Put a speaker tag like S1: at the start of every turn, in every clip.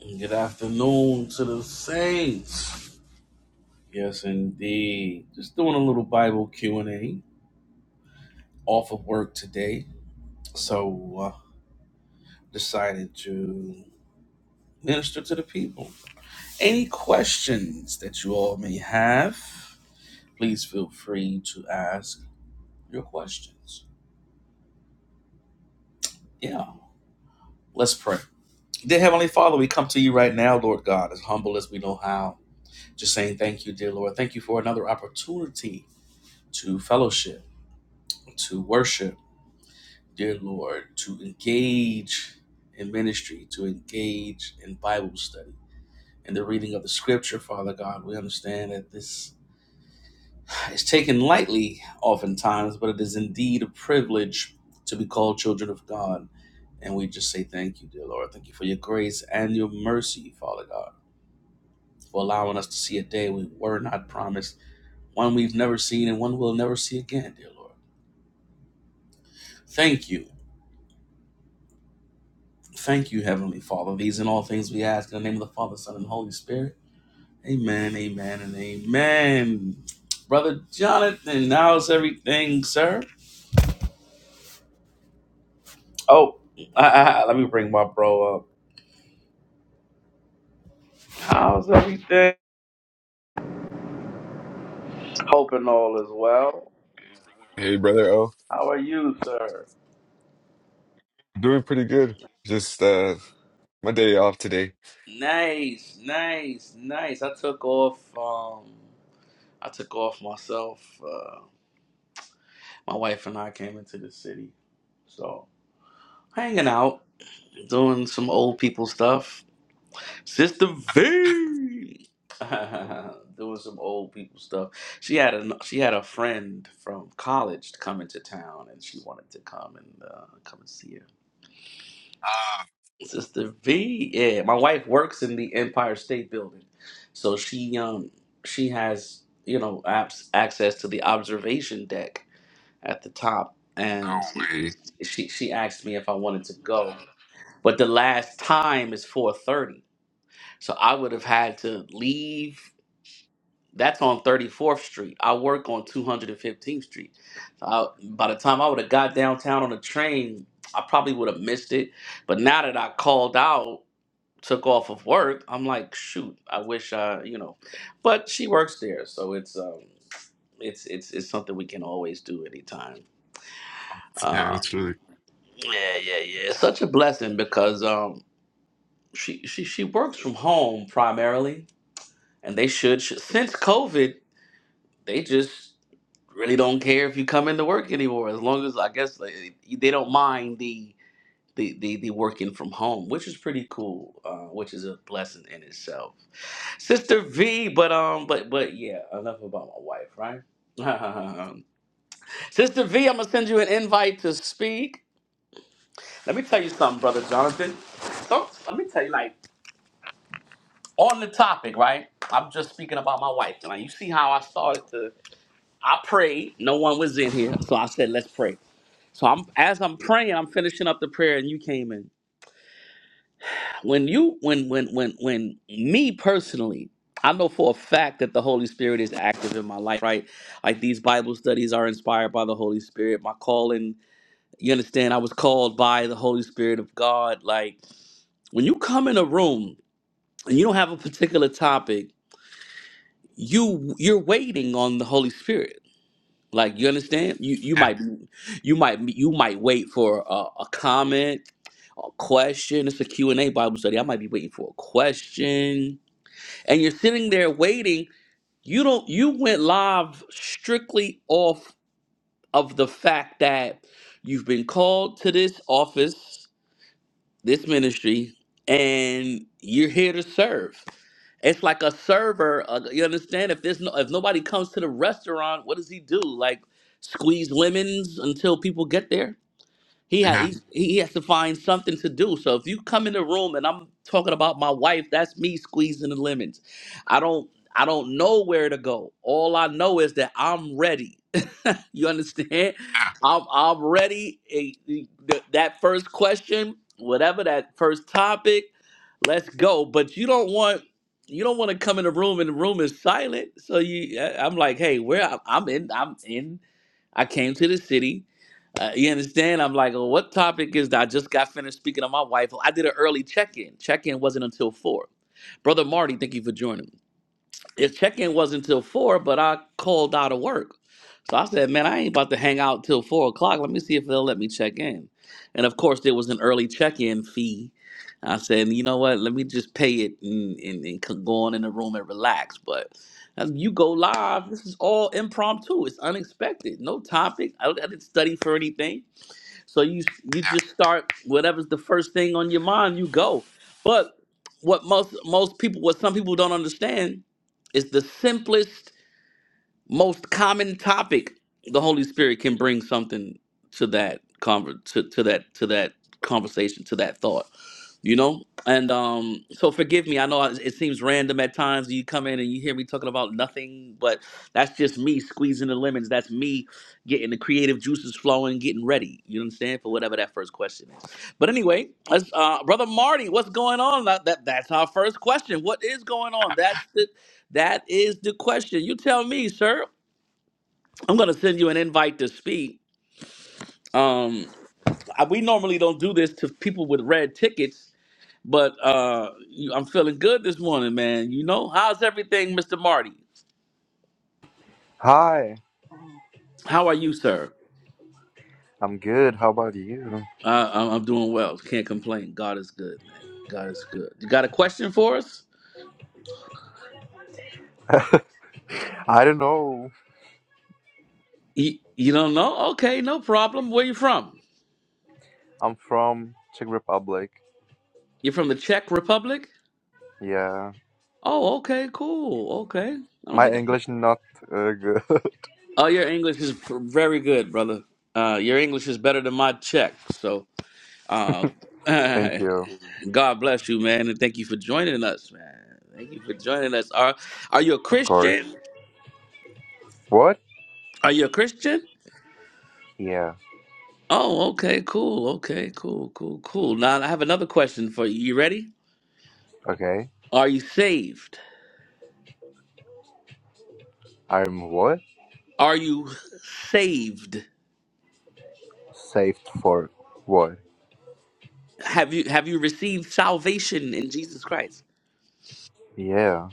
S1: Good afternoon to the saints. Yes, indeed. Just doing a little Bible Q and A off of work today, so uh, decided to minister to the people. Any questions that you all may have, please feel free to ask your questions. Yeah, let's pray. Dear Heavenly Father, we come to you right now, Lord God, as humble as we know how. Just saying thank you, dear Lord. Thank you for another opportunity to fellowship, to worship dear Lord, to engage in ministry, to engage in Bible study, in the reading of the scripture, Father God. We understand that this is taken lightly oftentimes, but it is indeed a privilege to be called children of God. And we just say thank you, dear Lord. Thank you for your grace and your mercy, Father God, for allowing us to see a day we were not promised, one we've never seen and one we'll never see again, dear Lord. Thank you. Thank you, Heavenly Father. These and all things we ask in the name of the Father, Son, and Holy Spirit. Amen, amen, and amen. Brother Jonathan, how's everything, sir? Oh, I, I, let me bring my bro up. How's everything? Hoping all is well.
S2: Hey, brother. Oh,
S1: How are you, sir?
S2: doing pretty good. Just uh, my day off today.
S1: Nice, nice, nice. I took off. Um, I took off myself. Uh, my wife and I came into the city, so hanging out, doing some old people stuff. Sister V doing some old people stuff. She had a she had a friend from college coming to town, and she wanted to come and uh, come and see her.
S2: Ah,
S1: Sister V, yeah, my wife works in the Empire State Building, so she um she has you know apps, access to the observation deck at the top, and
S2: no way.
S1: she she asked me if I wanted to go, but the last time is four thirty. So I would have had to leave. That's on 34th Street. I work on 215th Street. So I, by the time I would have got downtown on the train, I probably would have missed it. But now that I called out, took off of work, I'm like, shoot, I wish I, you know. But she works there, so it's um, it's it's it's something we can always do anytime.
S2: Yeah,
S1: Uh,
S2: that's really.
S1: yeah, yeah, yeah. It's such a blessing because um, she she she works from home primarily, and they should, should since COVID, they just really don't care if you come into work anymore as long as i guess like, they don't mind the the, the, the working from home which is pretty cool uh, which is a blessing in itself sister v but um but but yeah enough about my wife right sister v i'm gonna send you an invite to speak let me tell you something brother jonathan so let me tell you like on the topic right i'm just speaking about my wife tonight you see how i started to i prayed no one was in here so i said let's pray So I'm as I'm praying, I'm finishing up the prayer, and you came in. When you when when when when me personally, I know for a fact that the Holy Spirit is active in my life, right? Like these Bible studies are inspired by the Holy Spirit. My calling, you understand, I was called by the Holy Spirit of God. Like when you come in a room and you don't have a particular topic, you you're waiting on the Holy Spirit Like you understand? You you
S2: Yeah,
S1: might be- you might be- you might wait for a, a comment, a question. It's a Q and A Bible study. I might be waiting for a question, and you're sitting there waiting. You don't. You went live strictly off of the fact that you've been called to this office this ministry and you're here to serve. It's like a server. Uh, you understand? If there's no, if nobody comes to the restaurant, what does he do? Like squeeze lemons until people get there. He has
S2: yeah,
S1: he, he has to find something to do. So if you come in the room and I'm talking about my wife, that's me squeezing the lemons. I don't I don't know where to go. All I know is that I'm ready. You understand?
S2: yeah,
S1: I'm I'm ready. Eh, th- That first question, whatever that first topic, let's go. But you don't want you don't want to come in the room and the room is silent. So you, I- I'm like, hey, where I- I'm in, I'm in. I came to the city. Uh, you understand? I'm like, well, what topic is that? I just got finished speaking to my wife. I did an early check in. Check in wasn't until four. Brother Marty, thank you for joining. His check-in wasn't till four, but I called out of work. So I said, man, I ain't about to hang out till four o'clock. Let me see if they'll let me check in. And of course, there was an early check-in fee. I said, you know what? Let me just pay it and, and, and c- go on in the room and relax. But as you go live, this is all impromptu. It's unexpected. No topic. I, I didn't study for anything. So you you
S2: yeah.
S1: just start whatever's the first thing on your mind, you go. But what most most people, what some people don't understand, is the simplest, most common topic. The Holy Spirit can bring something to that conver- to, to that to that conversation, to that thought you know and um so forgive me i know it it seems random at times you come in and you hear me talking about nothing but that's just me squeezing the lemons that's me getting the creative juices flowing getting ready you understand for whatever that first question is but anyway let's, uh brother marty what's going on that, that that's our first question what is going on that's the that is the question you tell me sir i'm gonna send you an invite to speak um I, we normally don't do this to people with red tickets but uh, you, I'm feeling good this morning, man. You know, how's everything, Mr. Marty?
S3: Hi,
S1: How are you, sir?
S3: I'm good. How about you?
S1: Uh, I'm, I'm doing well. Can't complain. God is good, man. God is good. You got a question for us?
S3: I don't know.
S1: You, you don't know? Okay, no problem. Where you from?
S3: I'm from Czech Republic.
S1: You're from the Czech Republic?
S3: Yeah,
S1: Oh, okay, cool. Okay. I don't
S3: my
S1: think I.
S3: English not uh, good.
S1: Oh, your English is pr- very good, brother. Uh, your English is better than my Czech. So Uh,
S3: Thank you.
S1: God bless you, man, and thank you for joining us, man. Thank you for joining us. Are Are you a
S3: Of course.
S1: Christian?
S3: What?
S1: Are you a Christian?
S3: Yeah.
S1: Oh, okay, cool, okay, cool, cool, cool. Now I have another question for you. You ready?
S3: Okay.
S1: Are you saved?
S3: I'm what?
S1: Are you saved?
S3: Saved for what?
S1: Have you Have you received salvation in Jesus Christ?
S3: Yeah.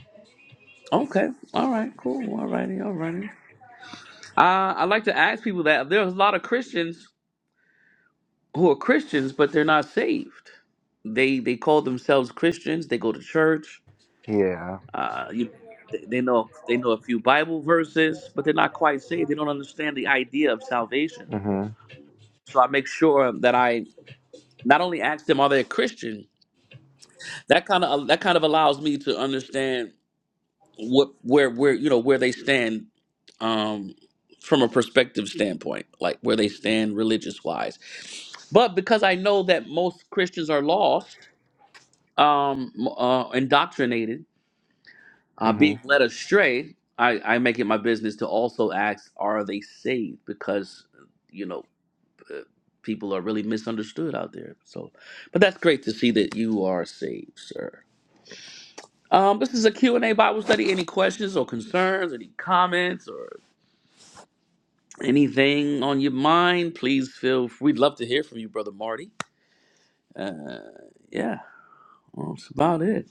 S1: Okay, all right, cool, all righty, all righty. Uh, I like to ask people that there's a lot of Christians who are Christians, but they're not saved. They they call themselves Christians. They go to church.
S3: Yeah.
S1: Uh, you, they they know they know a few Bible verses, but they're not quite saved. They don't understand the idea of salvation.
S3: Mhm.
S1: So I make sure that I not only ask them are they a Christian. That kind of that kind of allows me to understand what where where you know where they stand um, from a perspective standpoint, like where they stand religious wise. But because I know that most Christians are lost um, uh, indoctrinated, uh, being
S3: Mhm.
S1: led astray, I, I make it my business to also ask, are they saved? Because, you know, uh, people are really misunderstood out there. So, but that's great to see that you are saved, sir. Um, this is a Q and a Bible study. Any questions or concerns, any comments or anything on your mind, please feel, we'd love to hear from you, Brother Marty. Uh, yeah, well, that's about it.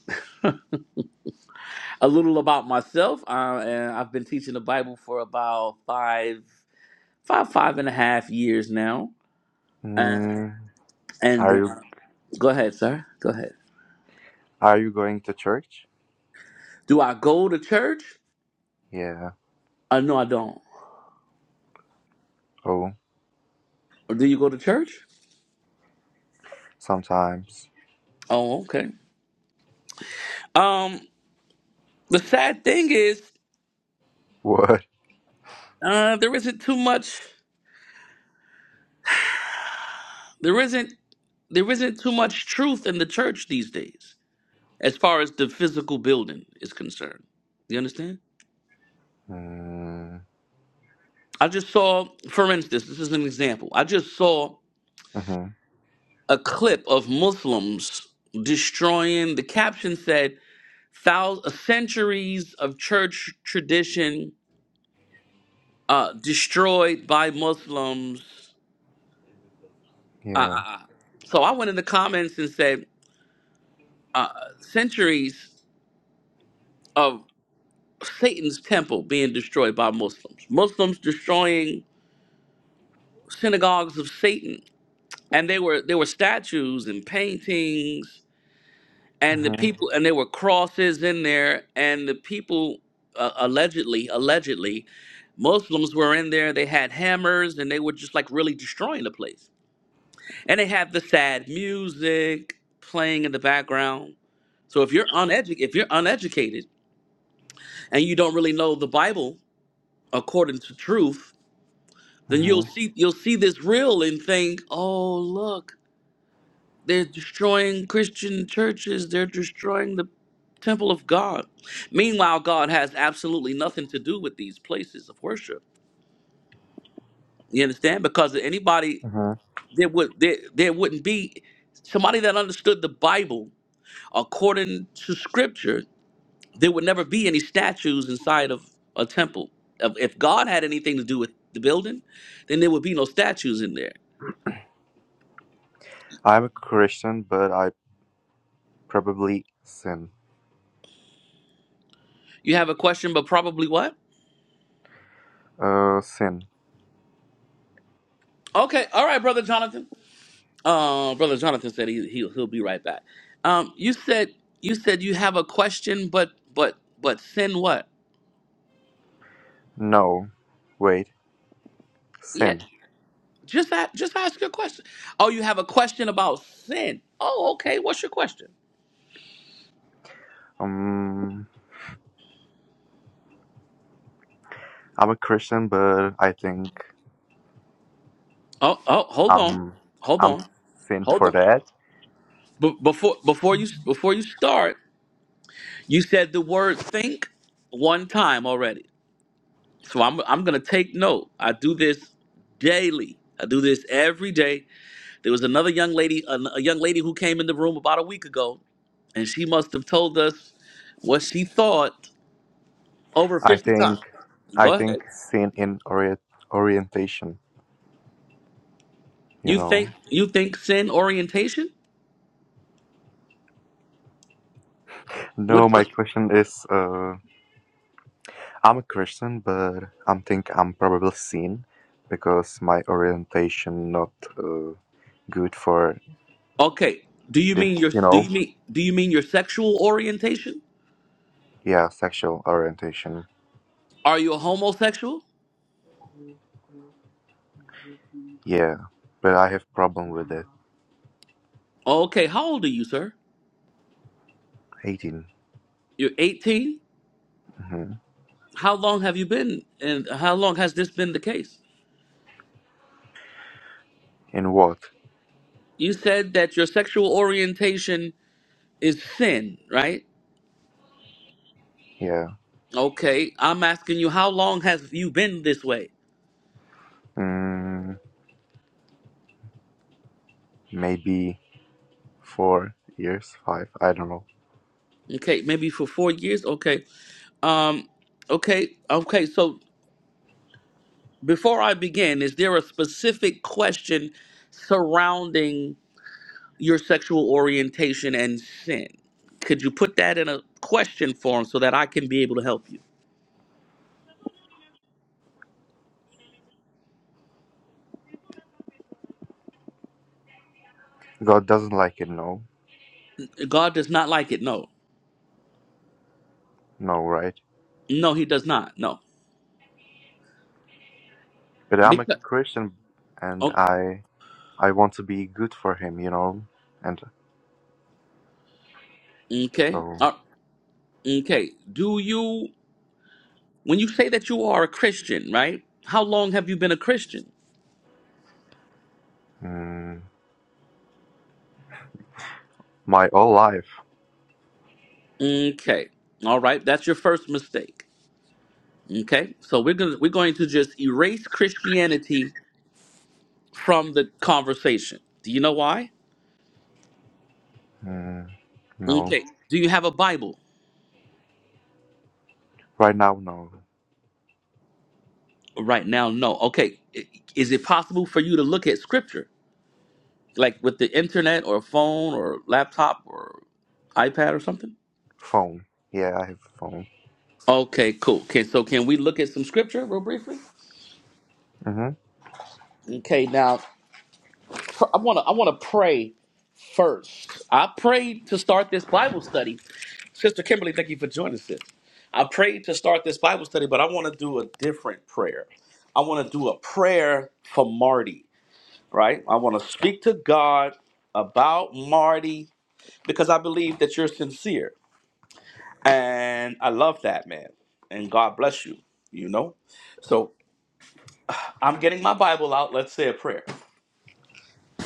S1: a little about myself. Uh, and I've been teaching the Bible for about five, five, five and a half years now. And
S3: Mm.
S1: and
S3: Are
S1: uh,
S3: you
S1: go ahead, sir. Go ahead.
S3: Are you going to church?
S1: Do I go to church?
S3: Yeah.
S1: Uh, no, I don't.
S3: Oh,
S1: Do you go to church?
S3: sometimes.
S1: Oh, okay. Um, the sad thing is,
S3: What?
S1: uh, there isn't too much. There isn't there isn't too much truth in the church these days, as far as the physical building is concerned. You understand?
S3: Mm.
S1: I just saw, for instance, this is an example. I just saw
S3: Mhm.
S1: a clip of Muslims destroying. The caption said, "Thousands, centuries of church tradition uh, destroyed by Muslims." Uh,
S3: Yeah.
S1: uh, uh. so I went in the comments and said, uh, "Centuries of Satan's temple being destroyed by Muslims. Muslims destroying synagogues of Satan, and they were there were statues and paintings." and the
S3: Mhm.
S1: people and there were crosses in there and the people uh, allegedly allegedly muslims were in there they had hammers and they were just like really destroying the place and they had the sad music playing in the background so if you're uneducated if you're uneducated and you don't really know the bible according to truth then you'll
S3: Mhm.
S1: see you'll see this real and think oh look They're destroying Christian churches. They're destroying the temple of God. Meanwhile, God has absolutely nothing to do with these places of worship. You understand? Because anybody
S3: Mhm.
S1: there would there, there wouldn't be somebody that understood the Bible according to Scripture. There would never be any statues inside of a temple. Of- If God had anything to do with the building, then there would be no statues in there.
S3: I'm a Christian, but I probably sin.
S1: You have a question, but probably what?
S3: Uh, sin.
S1: Okay, all right, brother Jonathan. Uh, brother Jonathan said he, he he'll be right back. Um, you said you said you have a question, but but but sin what?
S3: No, wait,
S1: Yeah,
S3: sin.
S1: just a, just ask your question. Oh, you have a question about sin. Oh, okay. What's your question?
S3: Um, I'm a Christian, but I think
S1: Oh oh, hold on,
S3: I'm
S1: hold
S3: I'm
S1: on,
S3: sin
S1: hold
S3: for
S1: on.
S3: that.
S1: But before before you before you start, you said the word think one time already. So I'm I'm gonna take note. I do this daily. I do this every day There was another young lady, a, a young lady who came in the room about a week ago, and she must have told us what she thought over
S3: I
S1: 50
S3: think
S1: times.
S3: I
S1: Go ahead.
S3: think sin in orient, orientation. You
S1: You
S3: know.
S1: think you think sin orientation? What,
S3: No, my
S1: what
S3: question is, uh, I'm a Christian, but I think I'm probably sin because my orientation not uh, good for
S1: Okay. Do you
S3: this.
S1: mean your
S3: You
S1: do you
S3: know.
S1: mean do you mean your sexual orientation?
S3: Yeah, sexual orientation.
S1: Are you a homosexual?
S3: Yeah, but I have problem with it.
S1: Okay, how old are you, sir?
S3: Eighteen.
S1: You're 18?
S3: Mm-hmm.
S1: How long have you been and how long has this been the case?
S3: In what?
S1: You said that your sexual orientation is sin, right?
S3: Yeah.
S1: Okay, I'm asking you, how long has you been this way?
S3: Mm, maybe four years, five. I don't know.
S1: Okay, maybe for four years. Okay, um, okay, okay. So before I begin, is there a specific question surrounding your sexual orientation and sin? Could you put that in a question form so that I can be able to help you?
S3: God doesn't like it. No,
S1: God does not like it. No,
S3: no, right?
S1: no, He does not. No,
S3: But I'm a
S1: because
S3: Christian, and
S1: okay,
S3: I I want to be good for Him, you know. And
S1: okay,
S3: so
S1: uh, okay. Do you? When you say that you are a Christian, right? How long have you been a Christian?
S3: mm, my whole life.
S1: Okay. All right. That's your first mistake. Okay. So we're going to we're going to just erase Christianity from the conversation. Do you know why?
S3: Mm, no,
S1: Okay. Do you have a Bible?
S3: right now, no.
S1: Right now, no. Okay. I- Is it possible for you to look at scripture? Like with the internet or phone or laptop or iPad or something?
S3: Phone. Yeah, I have phone.
S1: Okay, cool. Okay, so can we look at some scripture real briefly?
S3: hmm
S1: Okay, now pr- I want to I want to pray first. I prayed to start this Bible study. Sister Kimberly, thank you for joining us. sis. I prayed to start this Bible study, but I want to do a different prayer. I want to do a prayer for Marty, right? I want to speak to God about Marty because I believe that you're sincere. And I love that, man. And God bless you, you know? So I'm getting my Bible out. Let's say a prayer.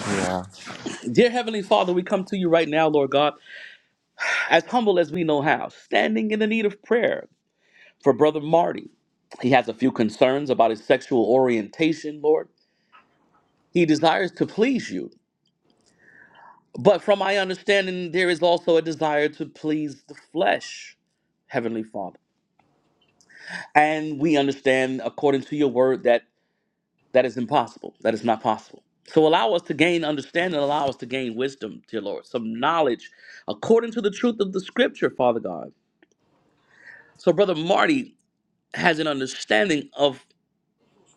S3: Yeah.
S1: Dear Heavenly Father, we come to you right now, Lord God, as humble as we know how, standing in the need of prayer. For Brother Marty, he has a few concerns about his sexual orientation, Lord. He desires to please you. But from my understanding, there is also a desire to please the flesh, Heavenly Father. And we understand, according to your word, that that is impossible. That is not possible. So allow us to gain understanding, allow us to gain wisdom, dear Lord, some knowledge according to the truth of the scripture, Father God. So, Brother Marty has an understanding of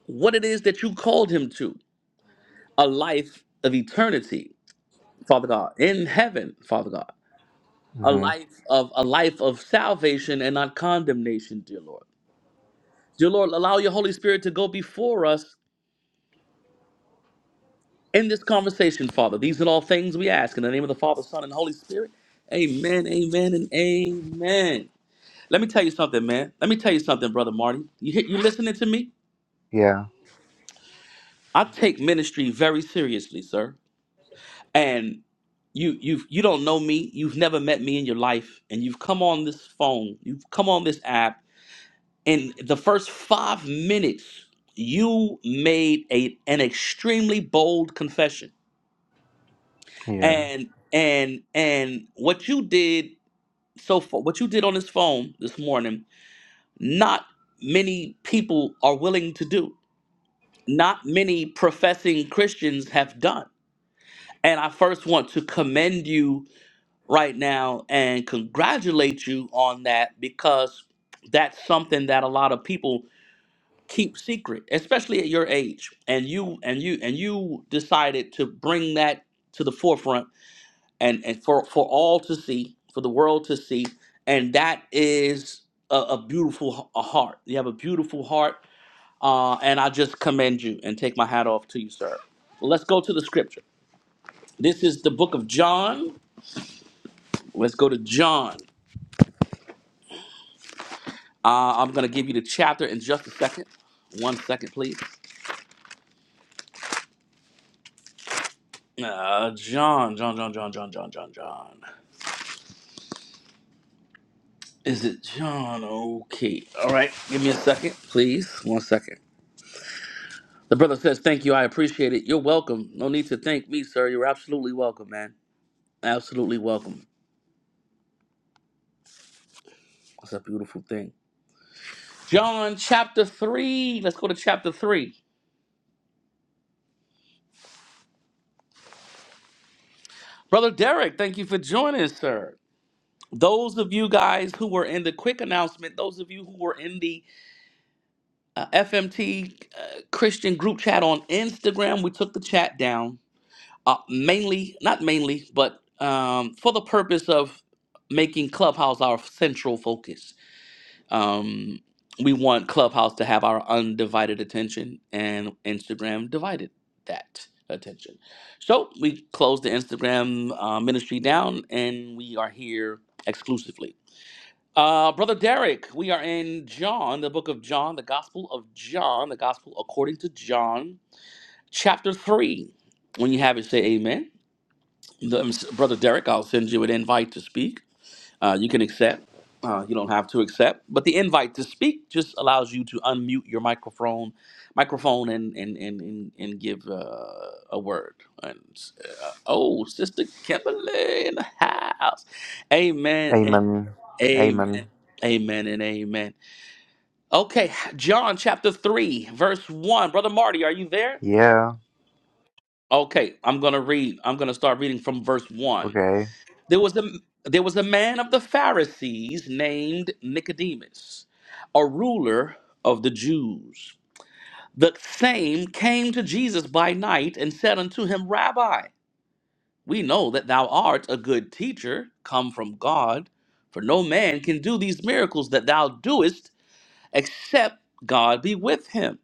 S1: what it is that you called him to a life of eternity, Father God, in heaven, Father God. A
S3: hmm
S1: life of a life of salvation and not condemnation, dear Lord. Dear Lord, allow your Holy Spirit to go before us in this conversation, Father. These are all things we ask in the name of the Father, Son, and Holy Spirit. Amen, amen, and amen. Let me tell you something, man. Let me tell you something, brother Marty. You you listening to me?
S3: Yeah.
S1: I take ministry very seriously, sir. and you you you don't know me you've never met me in your life and you've come on this phone you've come on this app in the first five minutes you made a an extremely bold confession
S3: Yeah.
S1: and and and what you did so far what you did on this phone this morning not many people are willing to do not many professing christians have done and i first want to commend you right now and congratulate you on that because that's something that a lot of people keep secret especially at your age and you and you and you decided to bring that to the forefront and and for for all to see for the world to see and that is a, a beautiful h- a heart you have a beautiful heart uh, and i just commend you and take my hat off to you sir let's go to the scripture this is the book of john let's go to john Uh, I'm going to give you the chapter in just a second. One second, please. Uh, John, John, John, John, John, John, John, John. Is it John? Okay. All right. Give me a second, please. One second. The brother says, Thank you. I appreciate it. You're welcome. No need to thank me, sir. You're absolutely welcome, man. Absolutely welcome. That's a beautiful thing. John chapter 3. Let's go to chapter 3. Brother Derek, thank you for joining, us, sir. Those of you guys who were in the quick announcement, those of you who were in the uh, FMT uh, Christian group chat on Instagram. We took the chat down, uh, mainly, not mainly, but um, for the purpose of making Clubhouse our central focus. Um, we want Clubhouse to have our undivided attention, and Instagram divided that attention. So we closed the Instagram uh, ministry down, and we are here exclusively. Uh, Brother Derek, we are in John, the book of John, the Gospel of John, the Gospel according to John, chapter 3. When you have it, say amen. The- Brother Derek, I'll send you an invite to speak. Uh, you can accept. Uh, you don't have to accept, but the invite to speak just allows you to unmute your microphone, microphone, and and and and, and give uh, a word. And uh, oh, Sister Kimberly in the house, Amen and
S3: Amen. Amen.
S1: Amen, Amen and Amen. Okay, John chapter three, verse one. Brother Marty, are you there?
S3: Yeah.
S1: Okay, I'm gonna read. I'm gonna start reading from verse one.
S3: Okay.
S1: There was a there was a man of the Pharisees named Nicodemus, a ruler of the Jews. The same came to Jesus by night and said unto him, Rabbi, we know that thou art a good teacher, come from God, for no man can do these miracles that thou doest except God be with him.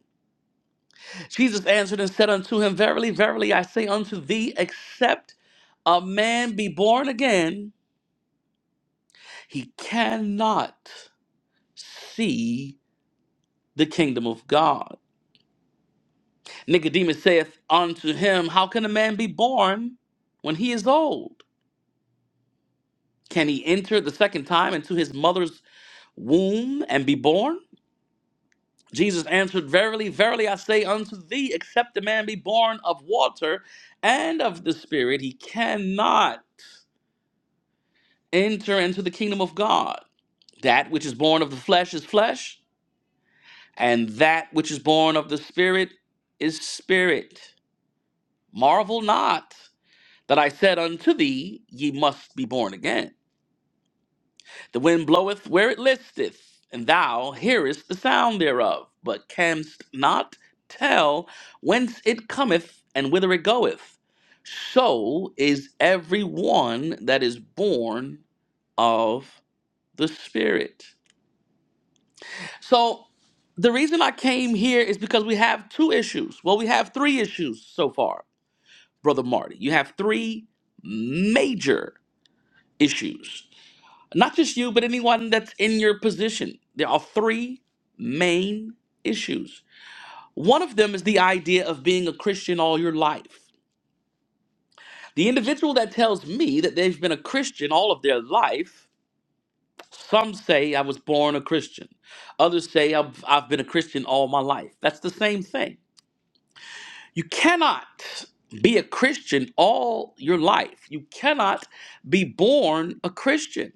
S1: Jesus answered and said unto him, Verily, verily, I say unto thee, except a man be born again, he cannot see the kingdom of God. Nicodemus saith unto him, How can a man be born when he is old? Can he enter the second time into his mother's womb and be born? Jesus answered, Verily, verily, I say unto thee, except a man be born of water and of the Spirit, he cannot enter into the kingdom of God. That which is born of the flesh is flesh, and that which is born of the Spirit is spirit. Marvel not that I said unto thee, Ye must be born again. The wind bloweth where it listeth, and thou hearest the sound thereof, but canst not tell whence it cometh and whither it goeth. So is every one that is born of the Spirit. So the reason I came here is because we have two issues. Well, we have three issues so far, Brother Marty. You have three major issues Not just you, but anyone that's in your position. There are three main issues. One of them is the idea of being a Christian all your life. The individual that tells me that they've been a Christian all of their life, some say I was born a Christian. Others say I've, I've been a Christian all my life. That's the same thing. You cannot be a Christian all your life. You cannot be born a Christian.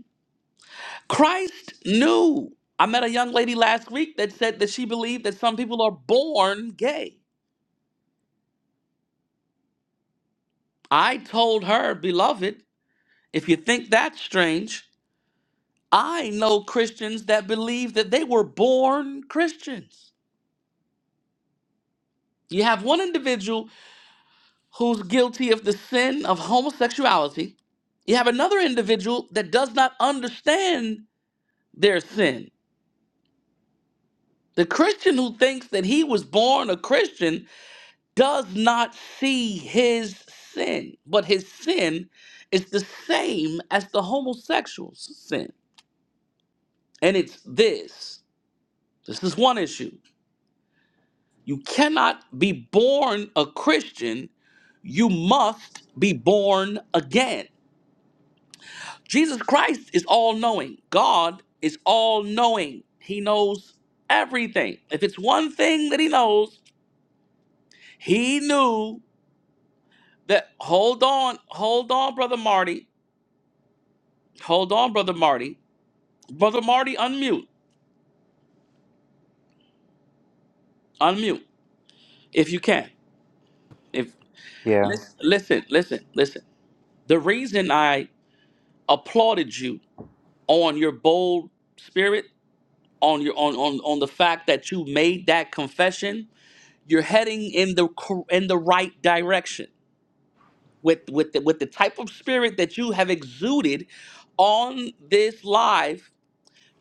S1: Christ knew. I met a young lady last week that said that she believed that some people are born gay. I told her, beloved, if you think that's strange, I know Christians that believe that they were born Christians. You have one individual who's guilty of the sin of homosexuality. You have another individual that does not understand their sin. The Christian who thinks that he was born a Christian does not see his sin, but his sin is the same as the homosexual's sin. And it's this this is one issue. You cannot be born a Christian, you must be born again. Jesus Christ is all knowing, God is all knowing. He knows everything. If it's one thing that he knows, he knew that. Hold on, hold on, brother Marty. Hold on, brother Marty Brother Marty, unmute. Unmute if you can. If
S3: Yeah.
S1: listen, listen, listen, listen. The reason I applauded you on your bold spirit, on your on on, on the fact that you made that confession, you're heading in the cor- in the right direction with with the, with the type of spirit that you have exuded on this live.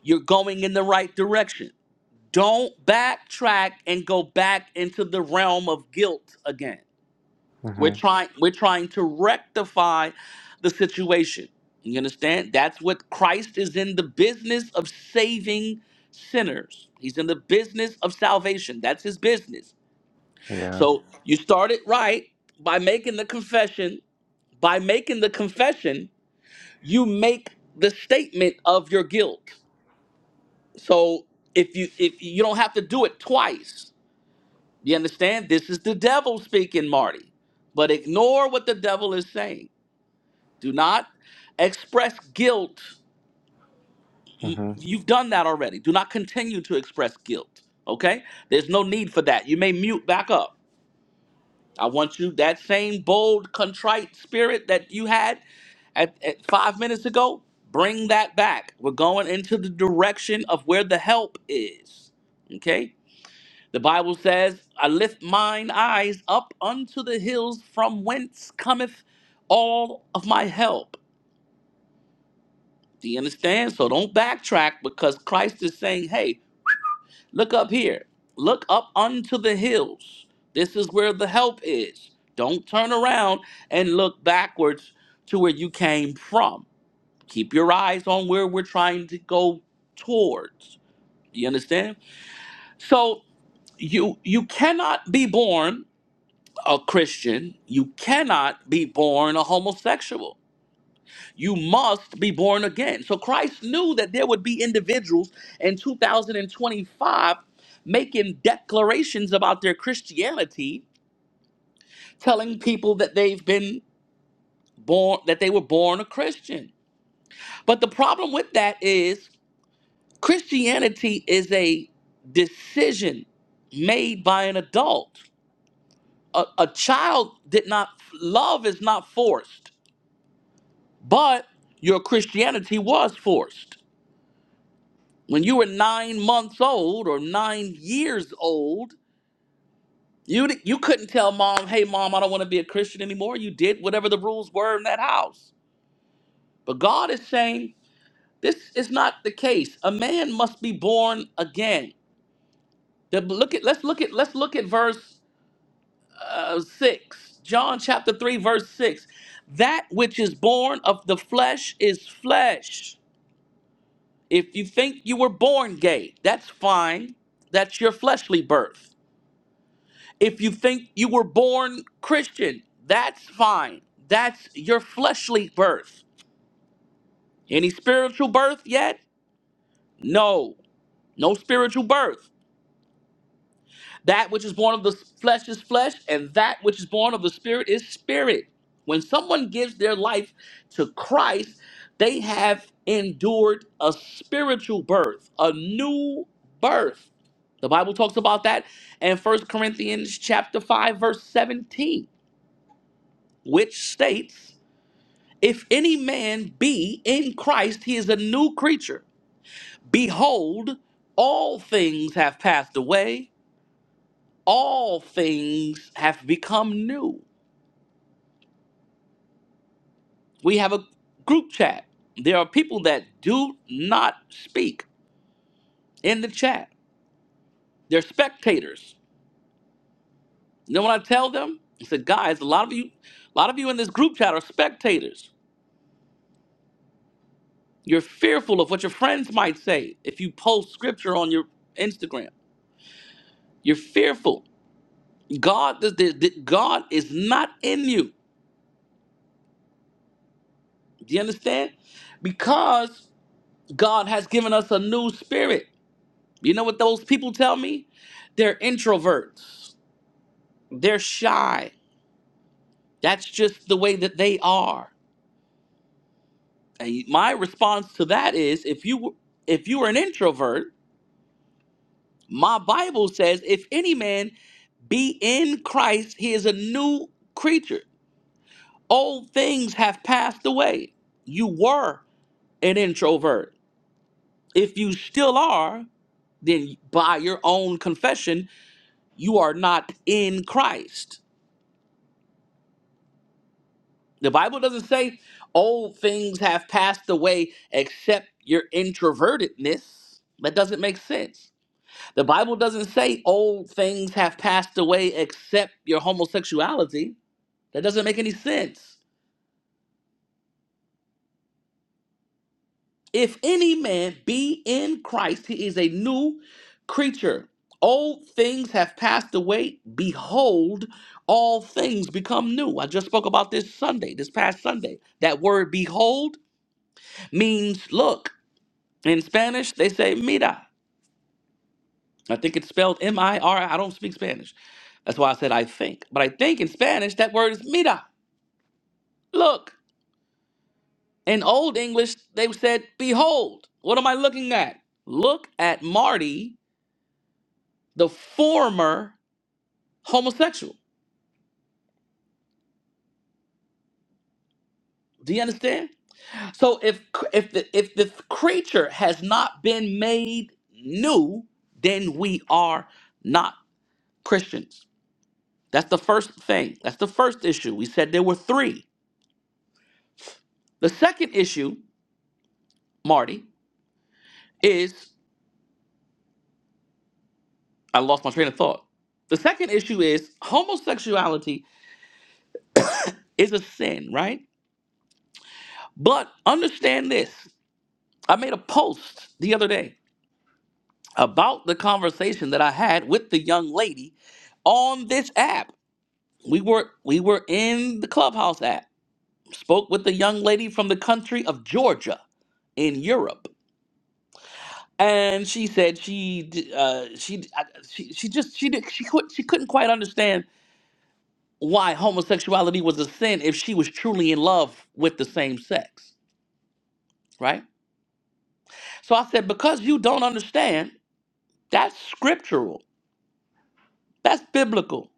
S1: You're going in the right direction. Don't backtrack and go back into the realm of guilt again We're
S3: Mhm.
S1: trying we're trying to rectify the situation. You understand? That's what Christ is in the business of saving sinners. He's in the business of salvation. That's his business.
S3: Yeah.
S1: So you started right by making the confession. By making the confession, you make the statement of your guilt. So if you if you don't have to do it twice. You understand? This is the devil speaking, Marty. But ignore what the devil is saying Do not express guilt. Y-
S3: Mhm.
S1: You've done that already. Do not continue to express guilt. Okay? There's no need for that. You may mute back up. I want you that same bold, contrite spirit that you had at, at five minutes ago. Bring that back. We're going into the direction of where the help is. Okay? The Bible says, I lift mine eyes up unto the hills from whence cometh all of my help. Do you understand? So don't backtrack because Christ is saying, hey, look up here. Look up unto the hills. This is where the help is. Don't turn around and look backwards to where you came from. Keep your eyes on where we're trying to go towards. Do You understand? So you you cannot be born a Christian. You cannot be born a homosexual You must be born again. So Christ knew that there would be individuals in 2025 making declarations about their Christianity, telling people that they've been born that they were born a Christian. But the problem with that is Christianity is a decision made by an adult. A, a child did not love is not forced, but your Christianity was forced. When you were nine months old or nine years old, you di- you couldn't tell mom, "Hey, mom, I don't want to be a Christian anymore." You did whatever the rules were in that house. But God is saying this is not the case. A man must be born again. The- look at let's look at let's look at verse uh, six, John chapter three, verse six. That which is born of the flesh is flesh. If you think you were born gay, that's fine. That's your fleshly birth. If you think you were born Christian, that's fine. That's your fleshly birth. Any spiritual birth yet? No, no spiritual birth. That which is born of the flesh is flesh, and that which is born of the spirit is spirit. When someone gives their life to Christ, they have endured a spiritual birth, a new birth. The Bible talks about that in First Corinthians chapter 5 verse 17, which states If any man be in Christ, he is a new creature. Behold, all things have passed away, all things have become new. We have a group chat. There are people that do not speak in the chat. They're spectators. You know what I tell them? I said, guys, a lot of you, a lot of you in this group chat are spectators. You're fearful of what your friends might say if you post scripture on your Instagram. You're fearful God, the, the, the- God is not in you. Do you understand? Because God has given us a new spirit. You know what those people tell me? They're introverts. They're shy. That's just the way that they are. And my response to that is, if you if you are an introvert, my Bible says, if any man be in Christ, he is a new creature. Old things have passed away. You were an introvert If you still are, then by your own confession, you are not in Christ. The Bible doesn't say old things have passed away except your introvertedness. That doesn't make sense. The Bible doesn't say old things have passed away except your homosexuality. That doesn't make any sense. If any man be in Christ, he is a new creature. Old things have passed away. Behold, all things become new. I just spoke about this Sunday, this past Sunday. That word behold means look. In Spanish, they say mira. I think it's spelled M I R. I don't speak Spanish. That's why I said I think. But I think in Spanish, that word is mira. Look. In Old English, they said behold. What am I looking at? Look at Marty the former homosexual. Do you understand? So if if the if the creature has not been made new, then we are not Christians. That's the first thing. That's the first issue. We said there were three. The second issue, Marty, is I lost my train of thought. The second issue is homosexuality is a sin, right? But understand this. I made a post the other day about the conversation that I had with the young lady on this app. We were we were in the Clubhouse app. Spoke with the young lady from the country of Georgia in Europe, and she said she d- uh, she, d- I- she she just she did, she could, she couldn't quite understand why homosexuality was a sin if she was truly in love with the same sex, right? So I said because you don't understand, that's scriptural, that's biblical.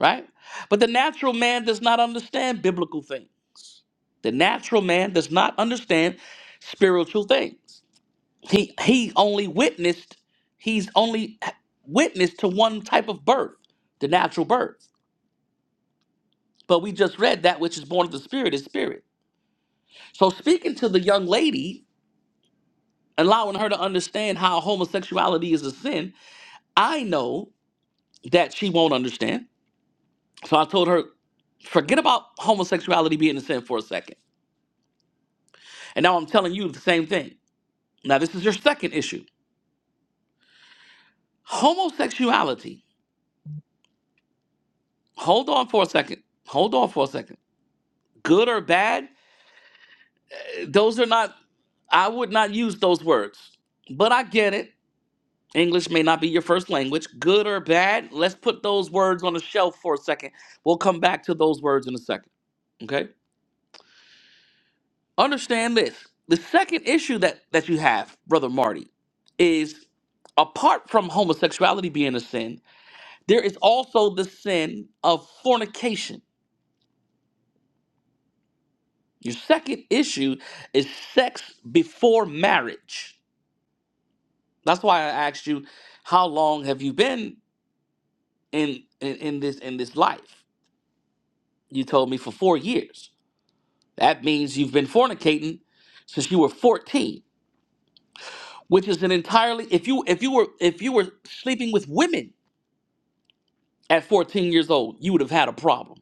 S1: right? But the natural man does not understand biblical things. The natural man does not understand spiritual things. He he only witnessed he's only witnessed to one type of birth, the natural birth. But we just read that which is born of the spirit is spirit. So speaking to the young lady, allowing her to understand how homosexuality is a sin, I know that she won't understand. So I told her, forget about homosexuality being a sin for a second. And now I'm telling you the same thing. Now, this is your second issue homosexuality. Hold on for a second. Hold on for a second. Good or bad, those are not, I would not use those words. But I get it. English may not be your first language. Good or bad, let's put those words on the shelf for a second. We'll come back to those words in a second. Okay? Understand this. The second issue that, that you have, Brother Marty, is apart from homosexuality being a sin, there is also the sin of fornication Your second issue is sex before marriage. That's why I asked you, how long have you been in, in in this in this life? You told me for four years. That means you've been fornicating since you were 14, which is an entirely if you if you were if you were sleeping with women at 14 years old, you would have had a problem.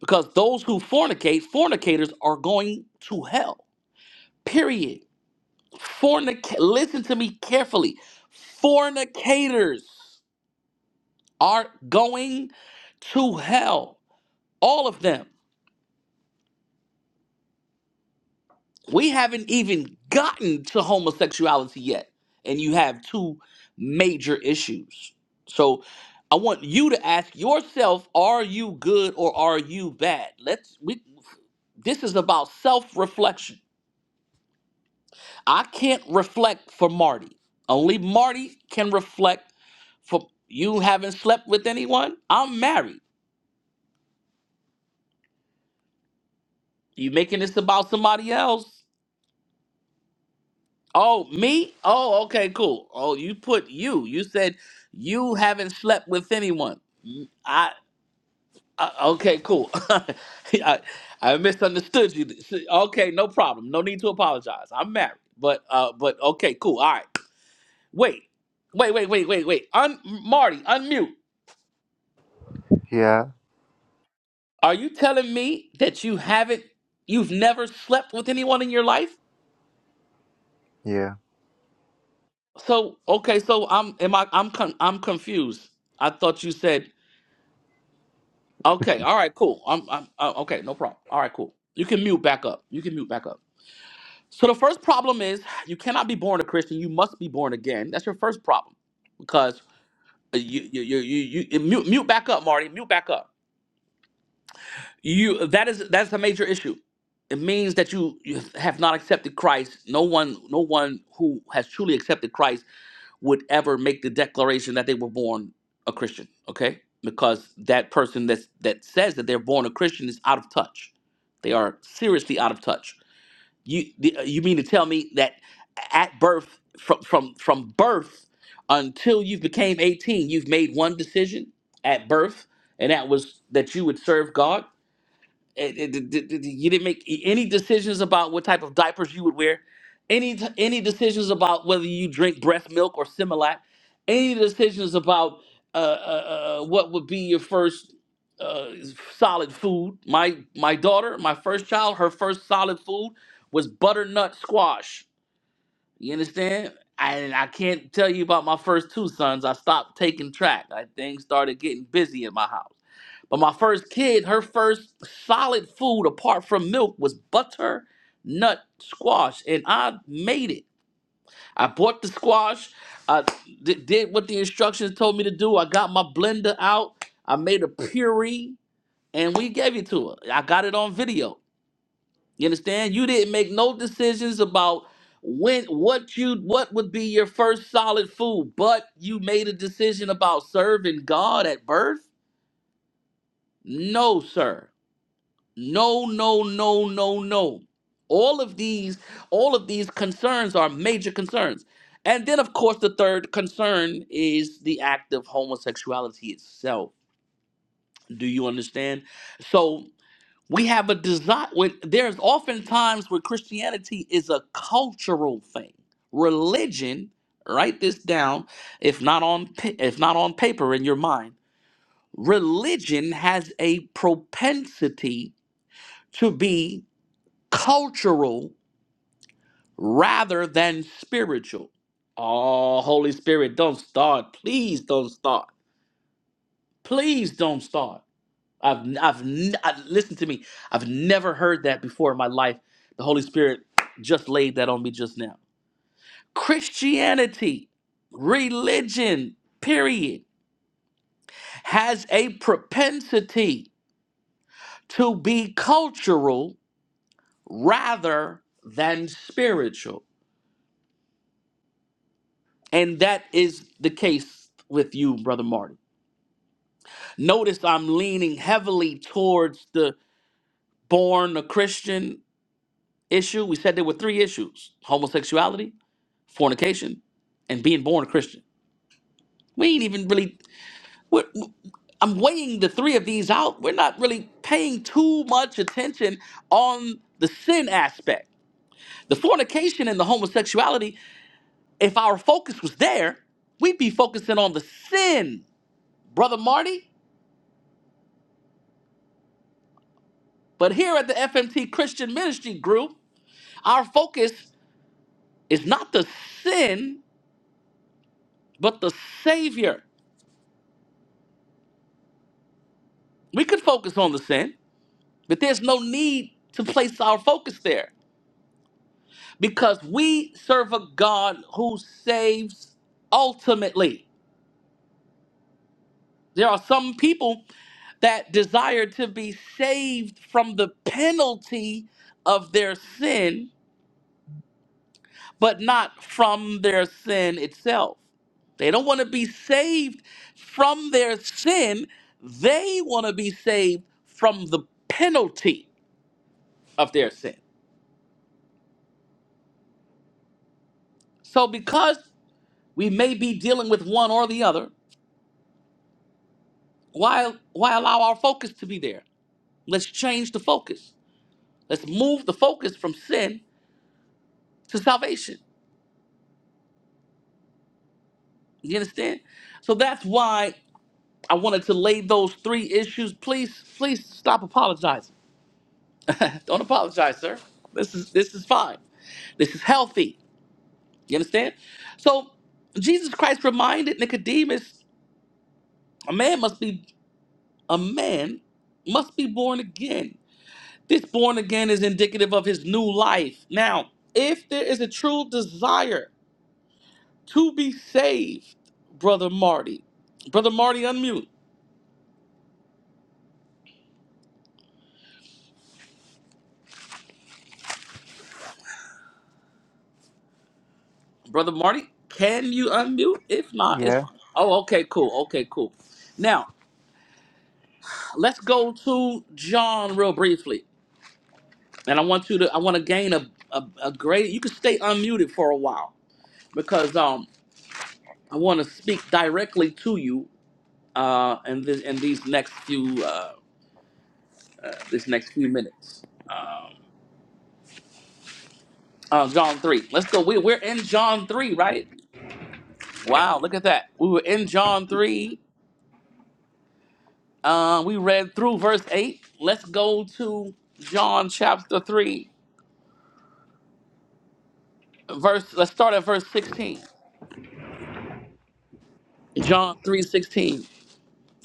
S1: Because those who fornicate, fornicators are going to hell. Period. Fornic- listen to me carefully. Fornicators are going to hell. All of them. We haven't even gotten to homosexuality yet. And you have two major issues. So I want you to ask yourself, are you good or are you bad? Let's we this is about self-reflection. I can't reflect for Marty. Only Marty can reflect For you haven't slept with anyone? I'm married. You making this about somebody else? Oh, me? Oh, okay, cool. Oh, you put you. You said you haven't slept with anyone. Mm, I, I okay, cool. I, I misunderstood you. Okay, no problem. No need to apologize. I'm married. But uh but okay, cool. All right. Wait. Wait, wait, wait, wait, wait. Un- Marty, unmute.
S3: Yeah.
S1: Are you telling me that you haven't you've never slept with anyone in your life?
S3: Yeah.
S1: So okay, so I'm am I I'm con- I'm confused. I thought you said okay. All right, cool. I'm I'm uh, okay. No problem. All right, cool. You can mute back up. You can mute back up. So the first problem is you cannot be born a Christian. You must be born again. That's your first problem because uh, you you you you, you mute mute back up, Marty. Mute back up. You that is that's a major issue. It means that you, you have not accepted Christ. No one no one who has truly accepted Christ would ever make the declaration that they were born a Christian, okay? Because that person that that says that they're born a Christian is out of touch. They are seriously out of touch. You the- uh, you mean to tell me that at birth, from from from birth until you became eighteen, you've made one decision at birth, and that was that you would serve God. It- it- it- it- it- you didn't make any decisions about what type of diapers you would wear, any t- any decisions about whether you drink breast milk or Similac, any decisions about uh, uh, uh, uh, what would be your first uh, solid food. My my daughter, my first child, her first solid food was butternut squash. You understand? And I can't tell you about my first two sons. I stopped taking track. I, things started getting busy at my house. But my first kid, her first solid food apart from milk was butter nut squash, and I made it. I bought the squash. I d- did what the instructions told me to do. I got my blender out. I made a puree, and we gave it to her. I got it on video. You understand? You didn't make no decisions about when what you what would be your first solid food, but you made a decision about serving God at birth. No, sir. No, no, no, no, no. All of these, all of these concerns are major concerns. And then, of course, the third concern is the act of homosexuality itself. Do you understand? So we have a desire. When, there's oftentimes where Christianity is a cultural thing. Religion. Write this down, if not on pa- if not on paper in your mind. Religion has a propensity to be cultural rather than spiritual. Oh, Holy Spirit, don't start. Please don't start. Please don't start. I've, I've, n- I- listen to me. I've never heard that before in my life. The Holy Spirit just laid that on me just now. Christianity, religion, period, has a propensity to be cultural rather than spiritual. And that is the case with you, Brother Marty. Notice I'm leaning heavily towards the born a Christian issue. We said there were three issues homosexuality, fornication, and being born a Christian. We ain't even really, we're, I'm weighing the three of these out. We're not really paying too much attention on the sin aspect. The fornication and the homosexuality, if our focus was there, we'd be focusing on the sin, Brother Marty. But here at the FMT Christian Ministry Group, our focus is not the sin, but the Savior. We could focus on the sin, but there's no need to place our focus there because we serve a God who saves ultimately. There are some people that desire to be saved from the penalty of their sin but not from their sin itself. They don't want to be saved from their sin. They want to be saved from the penalty of their sin. So because we may be dealing with one or the other, why why allow our focus to be there? Let's change the focus. Let's move the focus from sin to salvation. You understand? So that's why I wanted to lay those three issues. Please, please stop apologizing Don't apologize, sir. This is this is fine. This is healthy. You understand? So Jesus Christ reminded Nicodemus, a man must be a man must be born again. This born again is indicative of his new life. Now, if there is a true desire to be saved, brother Marty, brother Marty, unmute. Brother Marty, can you unmute? If not, it's
S3: Yeah.
S1: fine. Oh, okay, cool. Okay, cool. Now, let's go to John real briefly. And I want you to I want to gain a, a, a great you can stay unmuted for a while because um I want to speak directly to you uh in this in these next few uh this next few minutes. Um uh, John 3. Let's go. We, we're in John 3, right? Wow, look at that. We were in John 3. Uh, we read through verse 8. Let's go to John chapter 3, verse. Let's start at verse 16. John 3 16.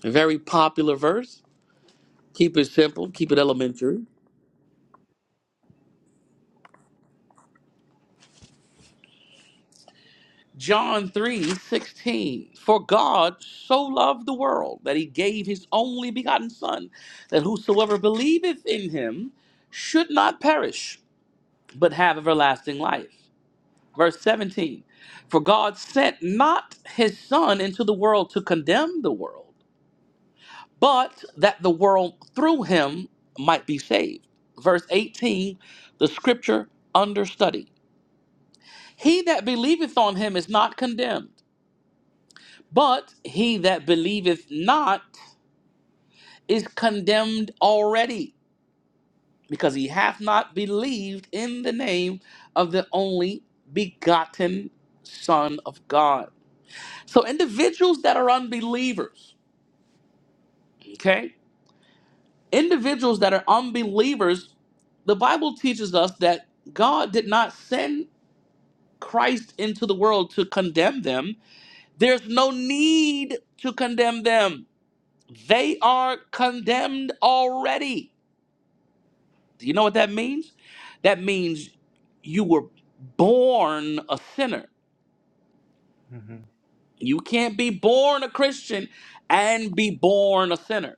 S1: A very popular verse. Keep it simple, keep it elementary. John 3 16. For God so loved the world that he gave his only begotten Son, that whosoever believeth in him should not perish, but have everlasting life. Verse 17. For God sent not his Son into the world to condemn the world, but that the world through him might be saved. Verse 18. The scripture under study. He that believeth on him is not condemned, but he that believeth not is condemned already, because he hath not believed in the name of the only begotten Son of God. So, individuals that are unbelievers, okay, individuals that are unbelievers, the Bible teaches us that God did not send Christ into the world to condemn them. There's no need to condemn them They are condemned already. Do you know what that means? That means you were born a sinner.
S3: Mhm.
S1: You can't be born a Christian and be born a sinner.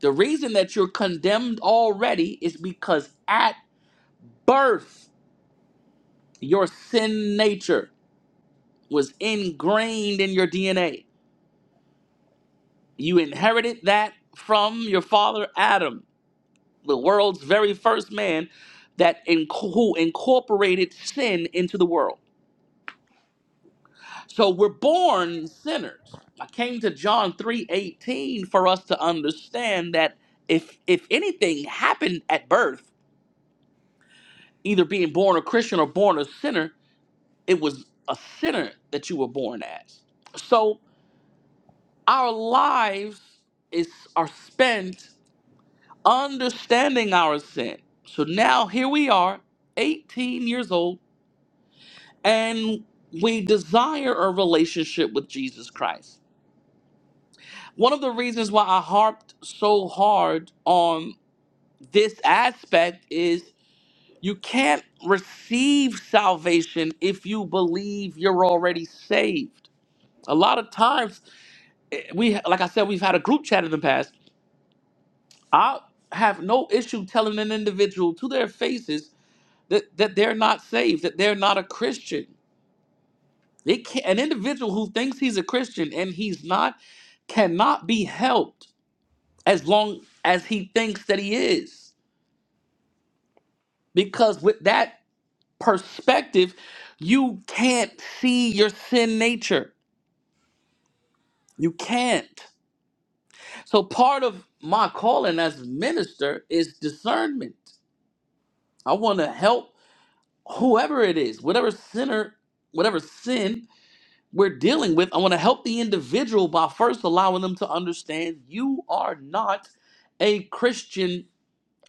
S1: The reason that you're condemned already is because at birth, your sin nature was ingrained in your DNA. You inherited that from your father Adam the world's very first man that in, who incorporated sin into the world. So we're born sinners. I came to John 3:18 for us to understand that if if anything happened at birth, either being born a Christian or born a sinner, it was a sinner that you were born as. So our lives is are spent understanding our sin. So now here we are, 18 years old and we desire a relationship with Jesus Christ. One of the reasons why I harped so hard on this aspect is you can't receive salvation if you believe you're already saved. A lot of times, we like I said, we've had a group chat in the past. I have no issue telling an individual to their faces that, that they're not saved, that they're not a Christian They can, an individual who thinks he's a Christian and he's not cannot be helped as long as he thinks that he is. Because with that perspective, you can't see your sin nature. You can't. So part of my calling as a minister is discernment. I want to help whoever it is, whatever sinner, whatever sin we're dealing with. I want to help the individual by first allowing them to understand you are not a Christian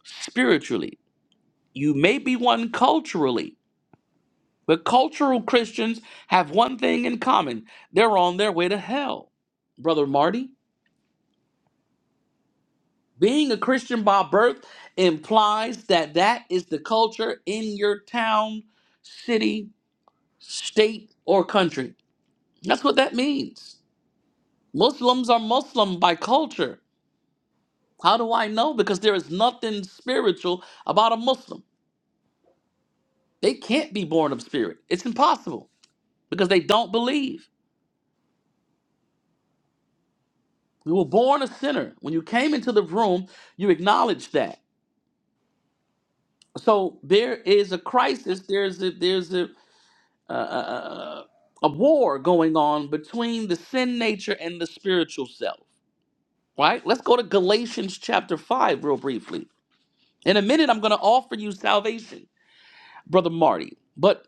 S1: spiritually. You may be one culturally, but cultural Christians have one thing in common they're on their way to hell. Brother Marty, being a Christian by birth implies that that is the culture in your town, city, state, or country. That's what that means. Muslims are Muslim by culture How do I know? Because there is nothing spiritual about a Muslim. They can't be born of spirit. It's impossible because they don't believe. You were born a sinner. When you came into the room, you acknowledged that. So there is a crisis. There's a, there's a, uh, uh, a war going on between the sin nature and the spiritual self. Right? Let's go to Galatians chapter five real briefly. In a minute, I'm going to offer you salvation, brother Marty. But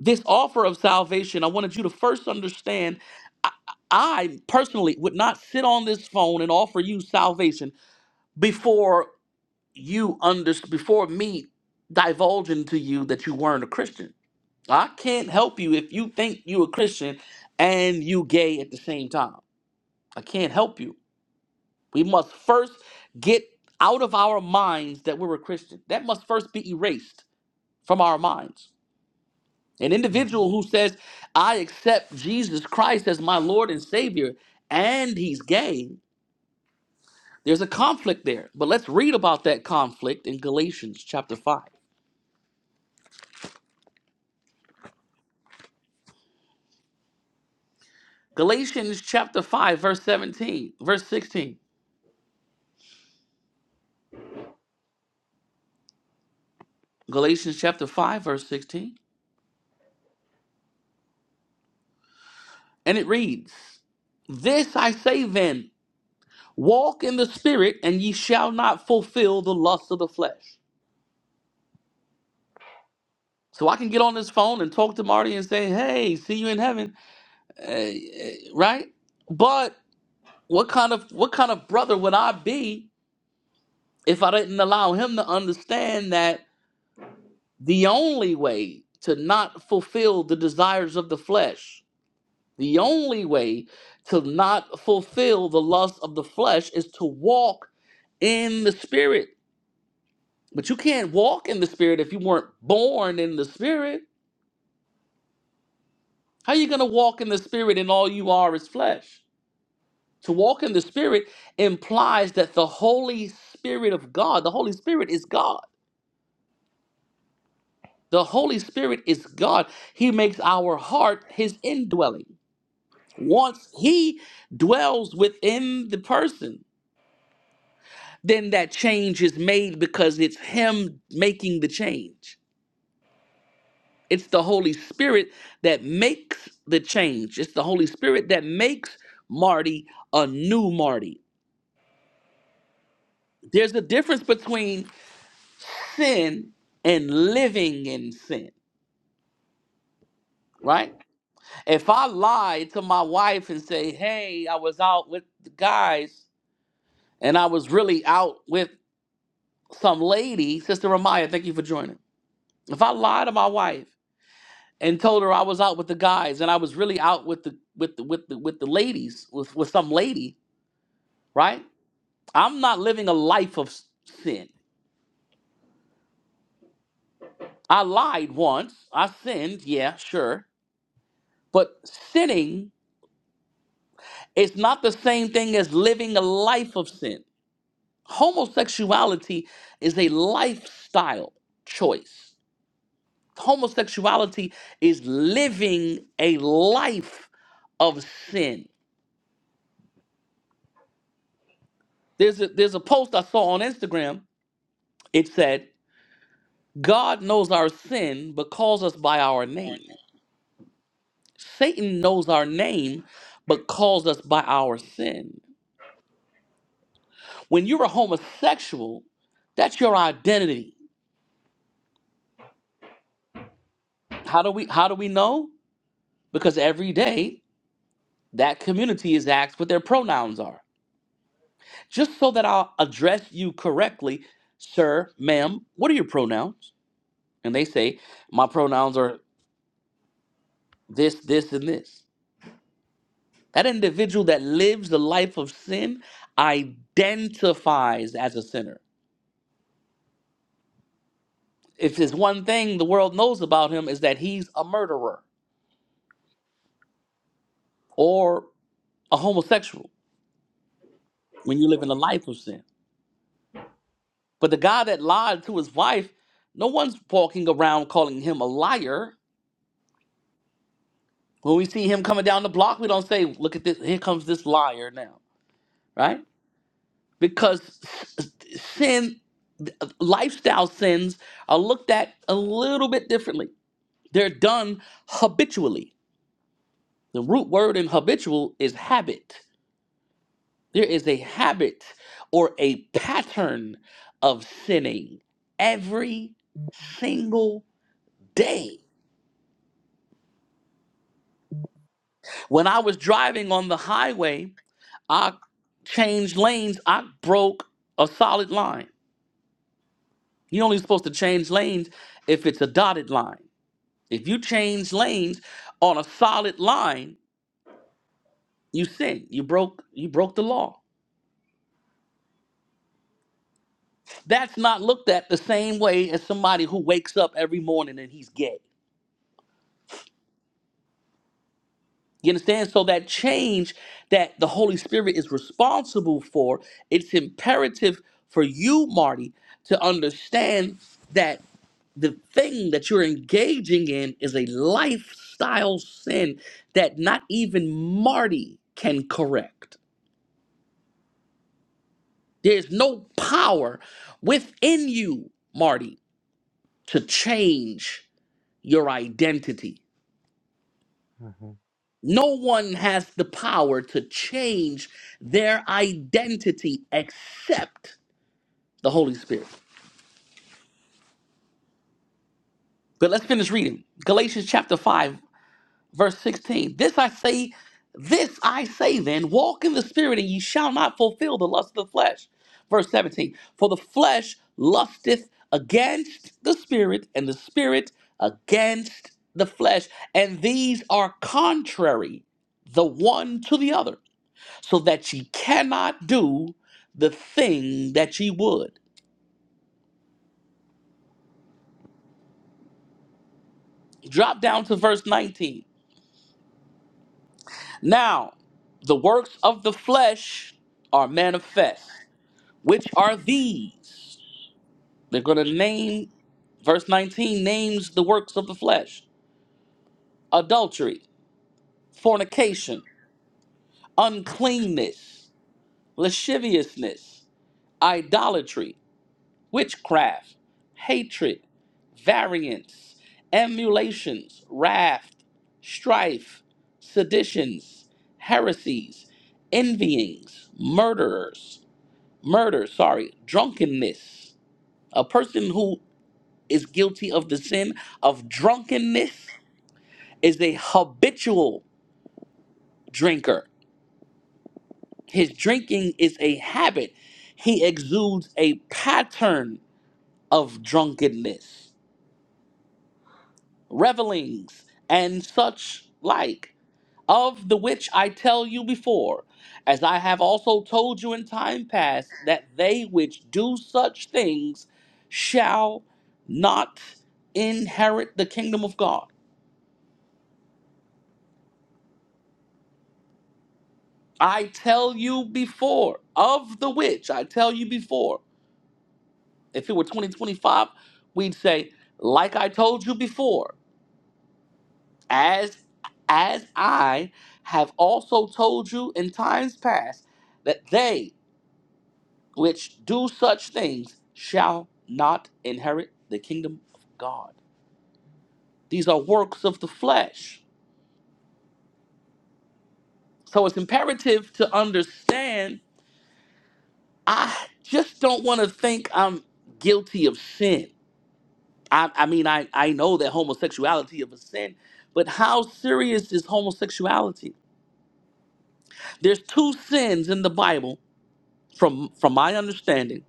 S1: this offer of salvation, I wanted you to first understand I, I personally would not sit on this phone and offer you salvation before you under before me divulging to you that you weren't a Christian. I can't help you if you think you a Christian and you gay at the same time. I can't help you. We must first get out of our minds that we're a Christian. That must first be erased from our minds. An individual who says, I accept Jesus Christ as my Lord and Savior, and he's gay, there's a conflict there. But let's read about that conflict in Galatians chapter 5. Galatians chapter 5, verse 17, verse 16. Galatians chapter 5, verse 16. And it reads, This I say then, walk in the Spirit, and ye shall not fulfill the lusts of the flesh. So I can get on this phone and talk to Marty and say, Hey, see you in heaven. Eh, eh, right? But what kind of what kind of brother would I be if I didn't allow him to understand that the only way to not fulfill the desires of the flesh, the only way to not fulfill the lust of the flesh is to walk in the spirit. But you can't walk in the spirit if you weren't born in the spirit. How you going to walk in the spirit and all you are is flesh? To walk in the Spirit implies that the Holy Spirit of God, the Holy Spirit is God. The Holy Spirit is God. He makes our heart his indwelling. Once he dwells within the person, then that change is made because it's him making the change. It's the Holy Spirit that makes the change. It's the Holy Spirit that makes Marty a new Marty. There's a difference between sin and living in sin, right? If I lie to my wife and say, hey, I was out with the guys and I was really out with some lady, Sister Ramaya, thank you for joining. If I lied to my wife and told her I was out with the guys and I was really out with the with the with the with the ladies, with, with some lady, right? I'm not living a life of s- sin. I lied once. I sinned, yeah, sure. But sinning It's not the same thing as living a life of sin. Homosexuality is a lifestyle choice. Homosexuality is living a life of sin. There's a, there's a post I saw on Instagram. It said, God knows our sin but calls us by our name. Satan knows our name but calls us by our sin. When you're a homosexual, that's your identity. How do we how do we know? because every day that community is asked what their pronouns are. Just so that I'll address you correctly, sir, ma'am, what are your pronouns? And they say, my pronouns are this, this, and this. That individual that lives the life of sin identifies as a sinner. If there's one thing the world knows about him is that he's a murderer or a homosexual when you live in the life of sin. But the guy that lied to his wife, no one's walking around calling him a liar. When we see him coming down the block, we don't say, look at this, here comes this liar now, right? Because sin, lifestyle sins are looked at a little bit differently. They're done habitually. The root word in habitual is habit. There is a habit or a pattern of sinning every single day When I was driving on the highway, I changed lanes. I broke a solid line. You're only supposed to change lanes if it's a dotted line. If you change lanes on a solid line, you sin. You broke you broke the law. That's not looked at the same way as somebody who wakes up every morning and he's gay. You understand? So that change that the Holy Spirit is responsible for, it's imperative for you, Marty, to understand that the thing that you're engaging in is a lifestyle sin that not even Marty can correct. There's no power within you, Marty, to change your identity.
S3: Mhm.
S1: No one has the power to change their identity except the Holy Spirit. But let's finish reading. Galatians chapter 5 verse 16 this i say this i say then walk in the spirit and ye shall not fulfill the lust of the flesh verse 17 for the flesh lusteth against the spirit and the spirit against the flesh and these are contrary the one to the other so that ye cannot do the thing that ye would drop down to verse 19 now the works of the flesh are manifest Which are these? They're going to name, verse 19 names the works of the flesh adultery, fornication, uncleanness, lasciviousness, idolatry, witchcraft, hatred, variance, emulations, wrath, strife, seditions, heresies, envyings, murderers, murder, sorry, drunkenness. A person who is guilty of the sin of drunkenness is a habitual drinker. His drinking is a habit. He exudes a pattern of drunkenness, revelings, and such like, of the which I tell you before, as I have also told you in time past, that they which do such things shall not inherit the kingdom of God. I tell you before, of the which I tell you before, if it were 2025, we'd say, like I told you before, as as I have also told you in times past, that they which do such things shall not inherit the kingdom of God. These are works of the flesh. So it's imperative to understand I just don't want to think I'm guilty of sin. I, I mean, I, I know that homosexuality is a sin, but how serious is homosexuality? There's two sins in the Bible, from from my understanding,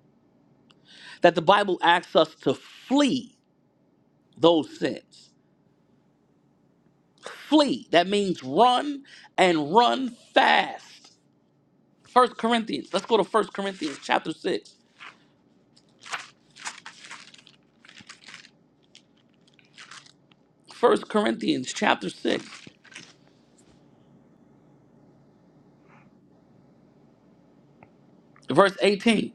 S1: that the Bible asks us to flee those sins. Flee. That means run and run fast. First Corinthians. Let's go to First Corinthians chapter 6. First Corinthians chapter 6, verse 18.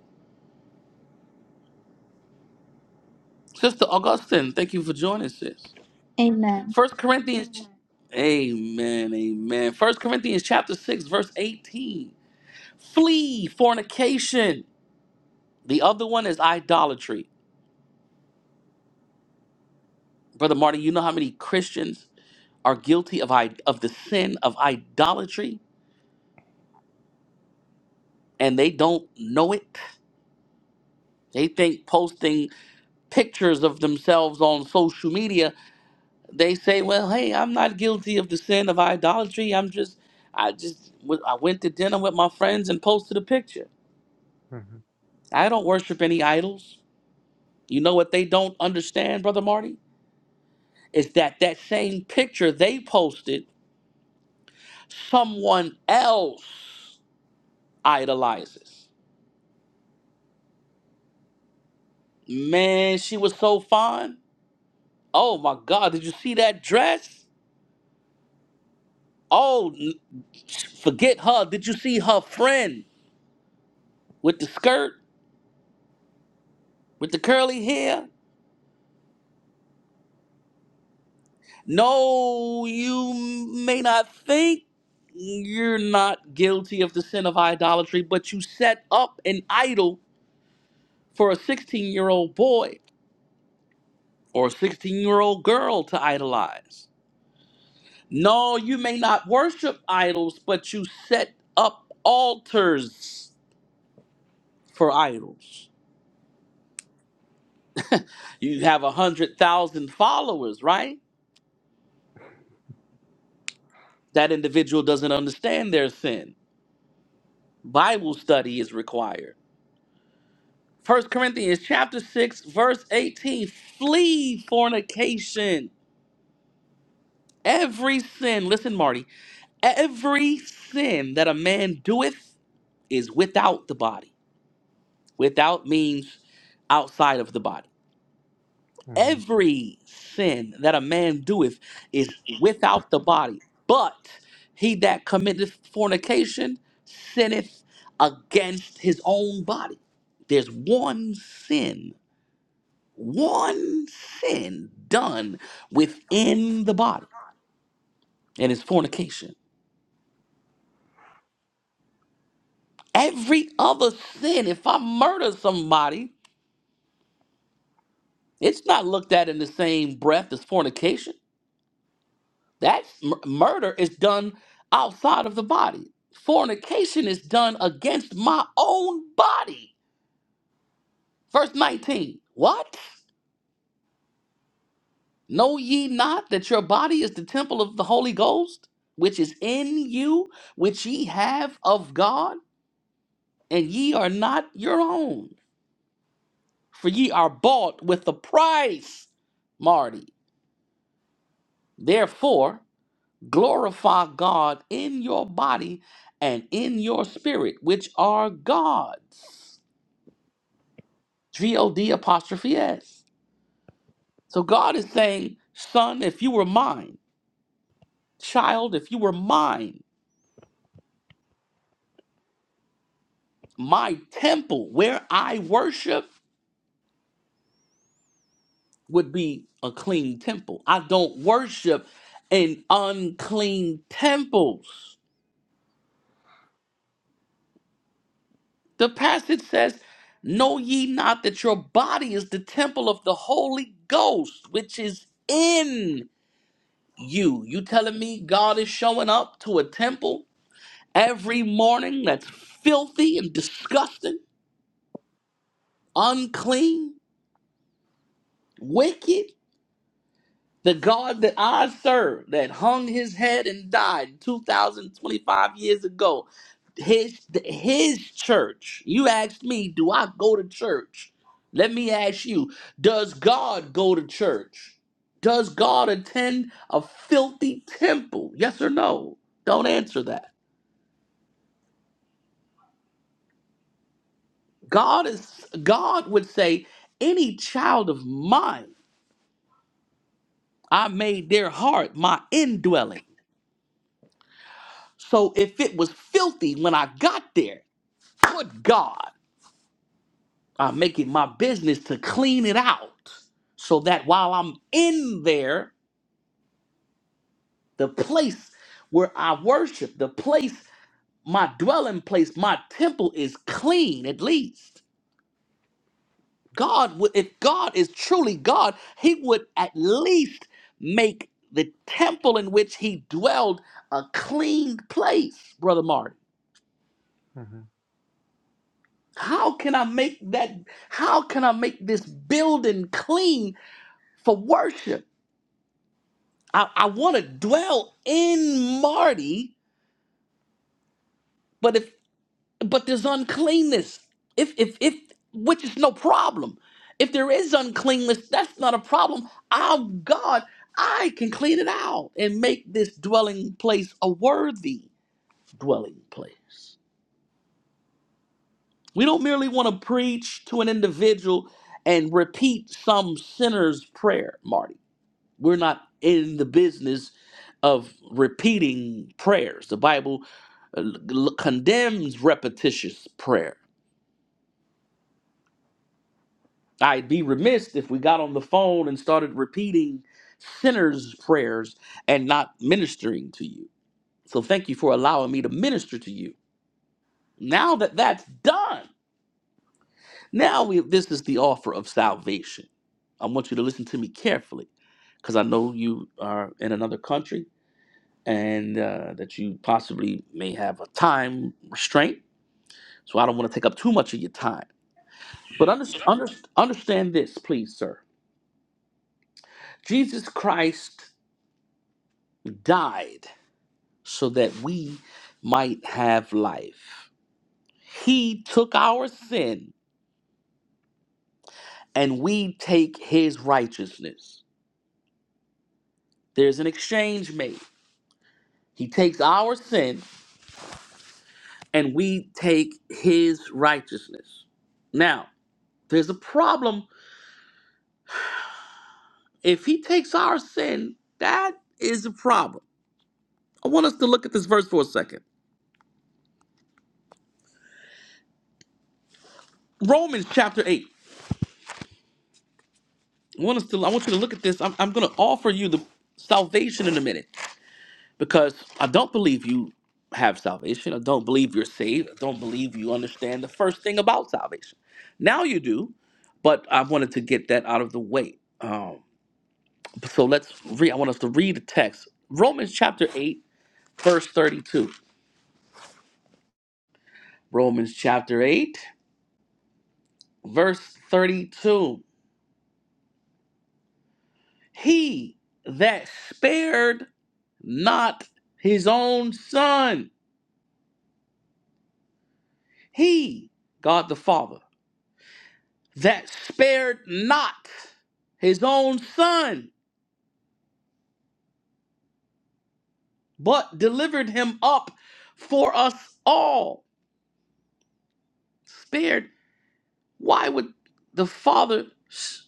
S1: Sister Augustine, thank you for joining, sis.
S4: Amen.
S1: First Corinthians, amen, amen. First Corinthians chapter six, verse eighteen. Flee fornication. The other one is idolatry. Brother Marty, you know how many Christians are guilty of I- of the sin of idolatry, and they don't know it. They think posting pictures of themselves on social media, they say, "Well, hey, I'm not guilty of the sin of idolatry. I'm just, I just, w- I went to dinner with my friends and posted a picture."
S3: Mhm.
S1: I don't worship any idols. You know what they don't understand, Brother Marty? Is that that same picture they posted, someone else idolizes. Man, she was so fine. Oh my God, did you see that dress? Oh, n- forget her. Did you see her friend with the skirt, with the curly hair? No, you may not think you're not guilty of the sin of idolatry, but you set up an idol for a 16 year old boy or a 16 year old girl to idolize. No, you may not worship idols, but you set up altars for idols. You have a 100,000 followers, right? That individual doesn't understand their sin. Bible study is required. First Corinthians chapter 6 verse 18 flee fornication every sin listen Marty every sin that a man doeth is without the body. Without means outside of the body.
S3: Mhm.
S1: Every sin that a man doeth is without the body, but he that committeth fornication sinneth against his own body. There's one sin, one sin done within the body, and it's fornication. Every other sin, if I murder somebody, it's not looked at in the same breath as fornication. That mur- murder is done outside of the body. Fornication is done against my own body. Verse 19. What? Know ye not that your body is the temple of the Holy Ghost, which is in you, which ye have of God, and ye are not your own? For ye are bought with a price, Marty. Therefore, glorify God in your body and in your spirit, which are God's. G O D apostrophe S. So God is saying, Son, if you were mine, child, if you were mine, my temple where I worship would be a clean temple. I don't worship in unclean temples. The passage says, Know ye not that your body is the temple of the Holy Ghost, which is in you? You telling me God is showing up to a temple every morning that's filthy and disgusting, unclean, wicked. The God that I serve, that hung his head and died 2,025 years ago, his, his church, you asked me, do I go to church? Let me ask you, does God go to church? Does God attend a filthy temple? Yes or no? Don't answer that. God is God would say, any child of mine I made their heart my indwelling. So if it was filthy when I got there, good God, I make it my business to clean it out so that while I'm in there, the place where I worship, the place, my dwelling place, my temple is clean at least. God would, if God is truly God, He would at least make the temple in which He dwelled a clean place, Brother Mark.
S3: Mhm.
S1: How can I make that? How can I make this building clean for worship? I, I want to dwell in Marty, but if but there's uncleanness. If if if which is no problem. If there is uncleanness, that's not a problem. I'm God. I can clean it out and make this dwelling place a worthy dwelling place. We don't merely want to preach to an individual and repeat some sinner's prayer, Marty. We're not in the business of repeating prayers. The Bible uh, l- condemns repetitious prayer. I'd be remiss if we got on the phone and started repeating sinners' prayers and not ministering to you. So thank you for allowing me to minister to you. Now that that's done, now we this is the offer of salvation. I want you to listen to me carefully because I know you are in another country and uh, that you possibly may have a time restraint. So I don't want to take up too much of your time. But under, under, understand this, please, sir. Jesus Christ died so that we might have life. He took our sin and we take his righteousness. There's an exchange made. He takes our sin and we take his righteousness. Now, there's a problem If he takes our sin, that is a problem. I want us to look at this verse for a second. Romans chapter 8. I want us to I want you to look at this. I'm, I'm gonna offer you the salvation in a minute because I don't believe you have salvation. I don't believe you're saved. I don't believe you understand the first thing about salvation. Now you do, but I wanted to get that out of the way. Um, so let's read. I want us to read the text. Romans chapter 8, verse 32. Romans chapter 8. verse 32 He that spared not his own son, he, God the Father, that spared not his own son, but delivered him up for us all. Spared. Why would the Father, s-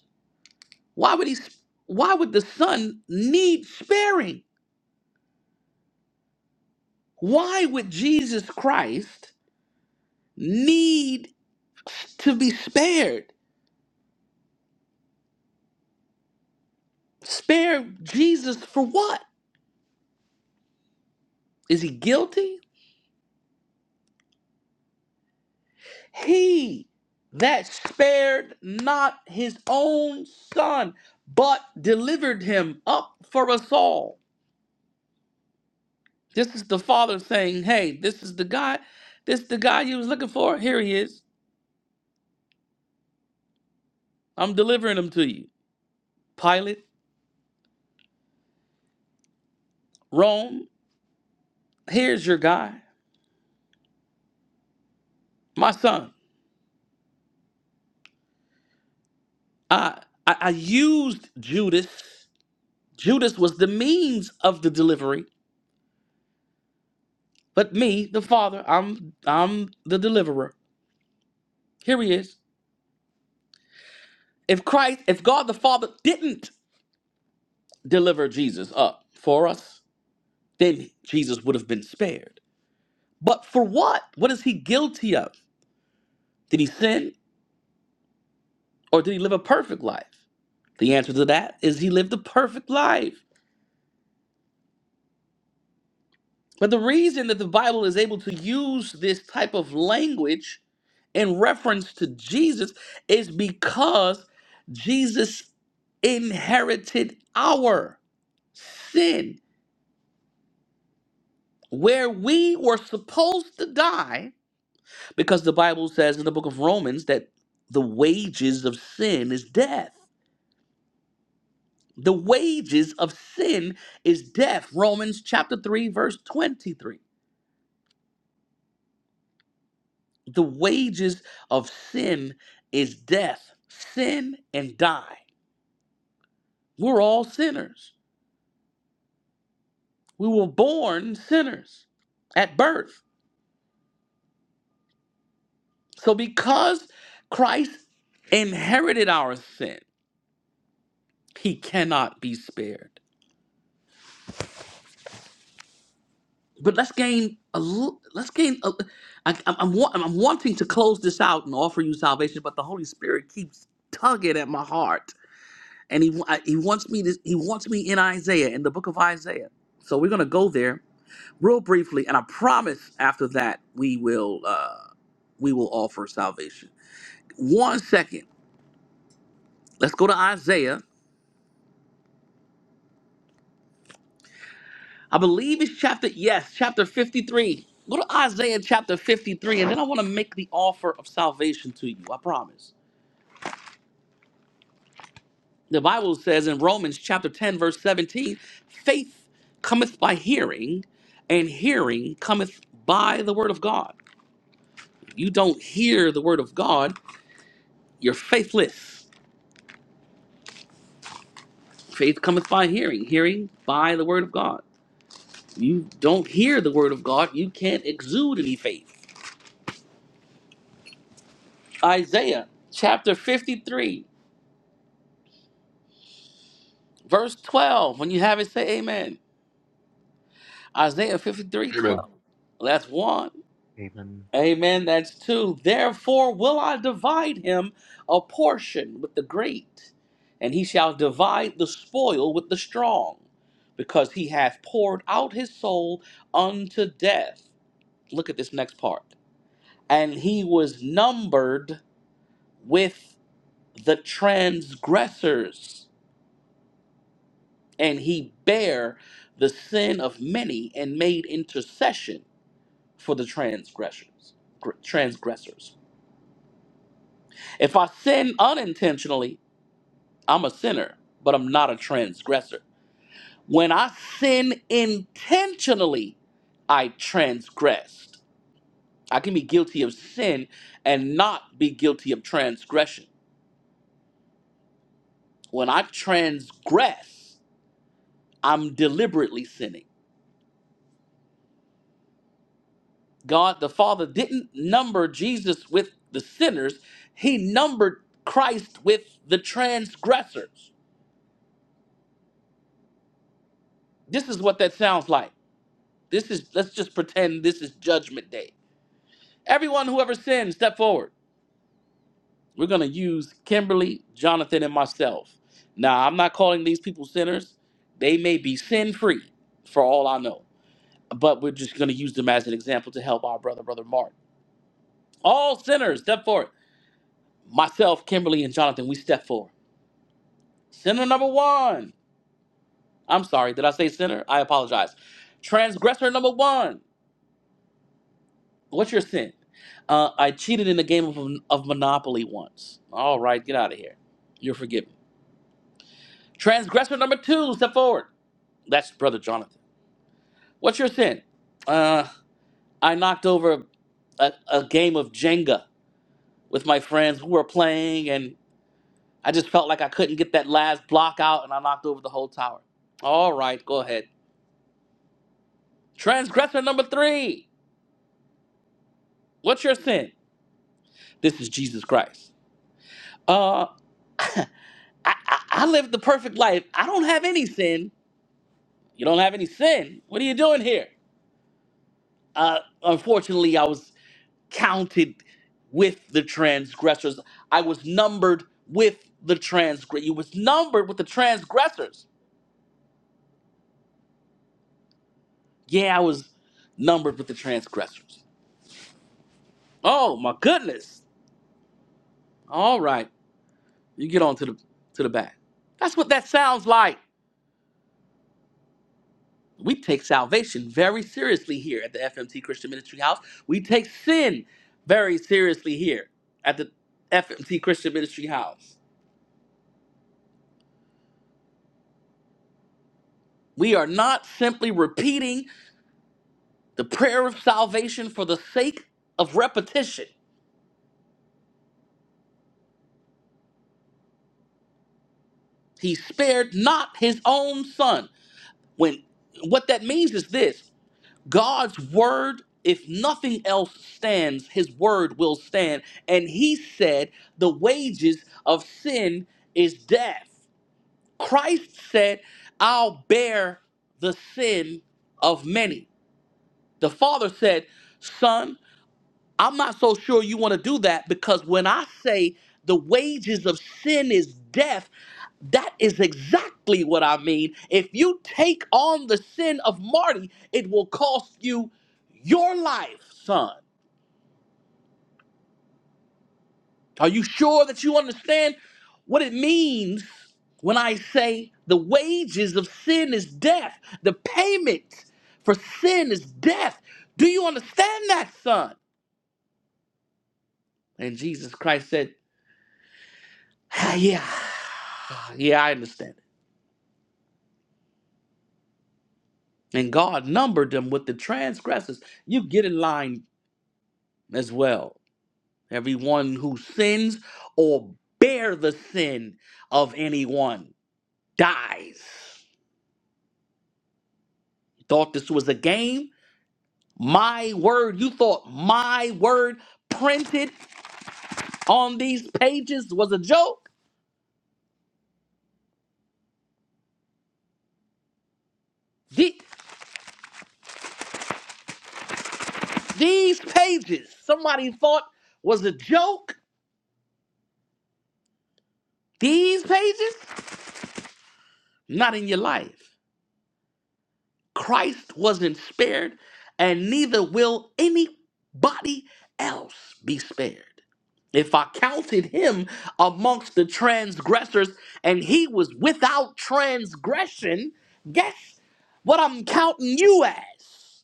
S1: why would he, s- why would the Son need sparing? Why would Jesus Christ need to be spared? Spared Jesus for what? Is he guilty? He that spared not his own son, but delivered him up for us all. This is the father saying, Hey, this is the guy, this is the guy you was looking for. Here he is. I'm delivering him to you. Pilate, Rome, here's your guy. My son. I I, I used Judas. Judas was the means of the delivery But me, the Father, I'm I'm the deliverer. Here he is. If Christ, if God the Father didn't deliver Jesus up for us, then Jesus would have been spared. But for what? What is he guilty of? Did he sin or did he live a perfect life? The answer to that is he lived a perfect life. But the reason that the Bible is able to use this type of language in reference to Jesus is because Jesus inherited our sin where we were supposed to die because the Bible says in the book of Romans that the wages of sin is death. The wages of sin is death. Romans chapter 3 verse 23. The wages of sin is death. Sin and die. We're all sinners. We were born sinners at birth. So because Christ inherited our sin, he cannot be spared. But let's gain a l- let's gain a, I, I'm, I'm, wa- I'm wanting to close this out and offer you salvation, but the Holy Spirit keeps tugging at my heart, and he wa- he wants me to he wants me in Isaiah in the book of Isaiah. So we're gonna go there real briefly, and I promise after that we will uh, we will offer salvation. One second, let's go to Isaiah. I believe it's chapter yes, chapter fifty three. Go to Isaiah chapter fifty three, and then I want to make the offer of salvation to you. I promise. The Bible says in Romans chapter ten verse seventeen, faith cometh by hearing, and hearing cometh by the word of God. You don't hear the word of God, you're faithless. Faith cometh by hearing, hearing by the word of God. You don't hear the word of God, you can't exude any faith. Isaiah chapter 53, verse 12. When you have it, say amen. Isaiah 53
S2: Amen.
S1: twelve. That's one.
S3: Amen.
S1: Amen. That's two. Therefore will I divide him a portion with the great, and he shall divide the spoil with the strong, because he hath poured out his soul unto death. Look at this next part. and he was numbered with the transgressors, and he bare the sin of many and made intercession for the transgressors. gr- Transgressors. If I sin unintentionally, I'm a sinner, but I'm not a transgressor. When I sin intentionally, I transgressed. I can be guilty of sin and not be guilty of transgression. When I transgress, I'm deliberately sinning. God the Father didn't number Jesus with the sinners, He numbered Christ with the transgressors. This is what that sounds like. This is, let's just pretend this is Judgment Day. Everyone who ever sinned, step forward. We're going to use Kimberly, Jonathan, and myself. Now, I'm not calling these people sinners. They may be sin free for all I know, but we're just going to use them as an example to help our brother, Brother Mark. All sinners, step forward. myself, Kimberly, and Jonathan, we step forward. Sinner number one. I'm sorry, did I say sinner? I apologize. Transgressor number one. What's your sin? Uh, I cheated in the game of, of Monopoly once. All right, get out of here. You're forgiven. Transgressor number two, step forward. That's Brother Jonathan. What's your sin? Uh, I knocked over a, a game of Jenga with my friends who were playing, and I just felt like I couldn't get that last block out, and I knocked over the whole tower. All right, go ahead. Transgressor number three. What's your sin? This is Jesus Christ. Uh, I, I, I live the perfect life. I don't have any sin. You don't have any sin. What are you doing here? Uh, unfortunately, I was counted with the transgressors. I was numbered with the transgress. You was numbered with the transgressors. Yeah, I was numbered with the transgressors. Oh my goodness. All right, you get on to the to the back. That's what that sounds like. we take salvation very seriously here at the FMT Christian Ministry House. We take sin very seriously here at the FMT Christian Ministry House. We are not simply repeating the prayer of salvation for the sake of repetition. He spared not his own son. When what that means is this, God's word if nothing else stands, his word will stand. And he said, the wages of sin is death. Christ said, I'll bear the sin of many. The Father said, Son, I'm not so sure you want to do that because when I say the wages of sin is death, that is exactly what I mean. If you take on the sin of Marty, it will cost you your life, son. Are you sure that you understand what it means when I say the wages of sin is death? The payment for sin is death. Do you understand that, son? And Jesus Christ said, "Ah, Yeah, yeah, I understand. it." And God numbered them with the transgressors. You get in line as well. Everyone who sins or bear the sin of anyone dies. Thought this was a game? My word, you thought my word printed on these pages was a joke? The- these pages, somebody thought was a joke? These pages? Not in your life. Christ wasn't spared, and neither will anybody else be spared. If I counted him amongst the transgressors and he was without transgression, guess what I'm counting you as?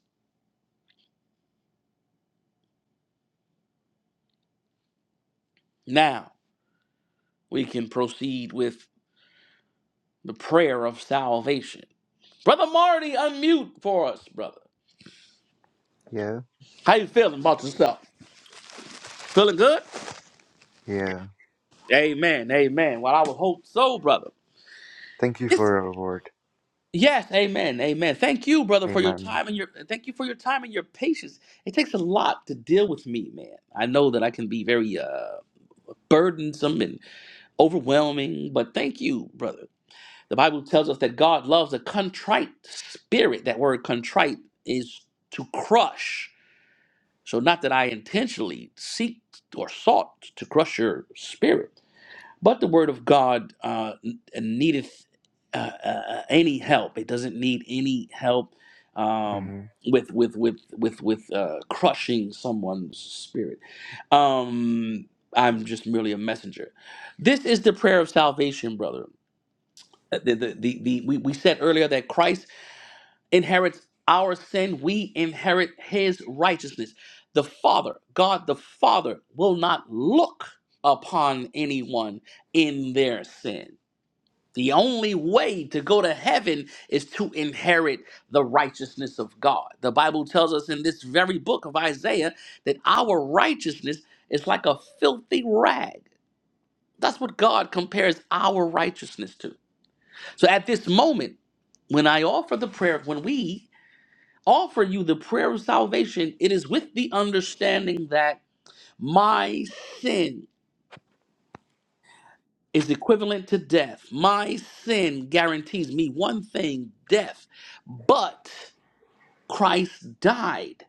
S1: Now we can proceed with the prayer of salvation. Brother Marty, unmute for us, brother.
S3: Yeah.
S1: How you feeling about yourself? Feeling good?
S3: Yeah.
S1: Amen. Amen. Well, I would hope so, brother.
S3: Thank you
S1: It's,
S3: for your word.
S1: yes, amen. Amen. Thank you, brother, for your
S3: Amen.
S1: time and your thank you for your time and your patience. It takes a lot to deal with me, man. I know that I can be very uh burdensome and overwhelming, but thank you, brother. The Bible tells us that God loves a contrite spirit. That word contrite is to crush. So, not that I intentionally seek or sought to crush your spirit, but the word of God uh, n- needeth uh, uh, any help. It doesn't need any help um,
S3: Mhm.
S1: with with with with with uh, crushing someone's spirit. Um, I'm just merely a messenger. This is the prayer of salvation, brother uh, The, the, the, the, we, we said earlier that Christ inherits our sin, we inherit his righteousness. The Father, God the Father, will not look upon anyone in their sin. The only way to go to heaven is to inherit the righteousness of God. The Bible tells us in this very book of Isaiah that our righteousness is like a filthy rag. That's what God compares our righteousness to. So at this moment, when I offer the prayer, when we offer you the prayer of salvation, it is with the understanding that my sin is equivalent to death. My sin guarantees me one thing death. But Christ died.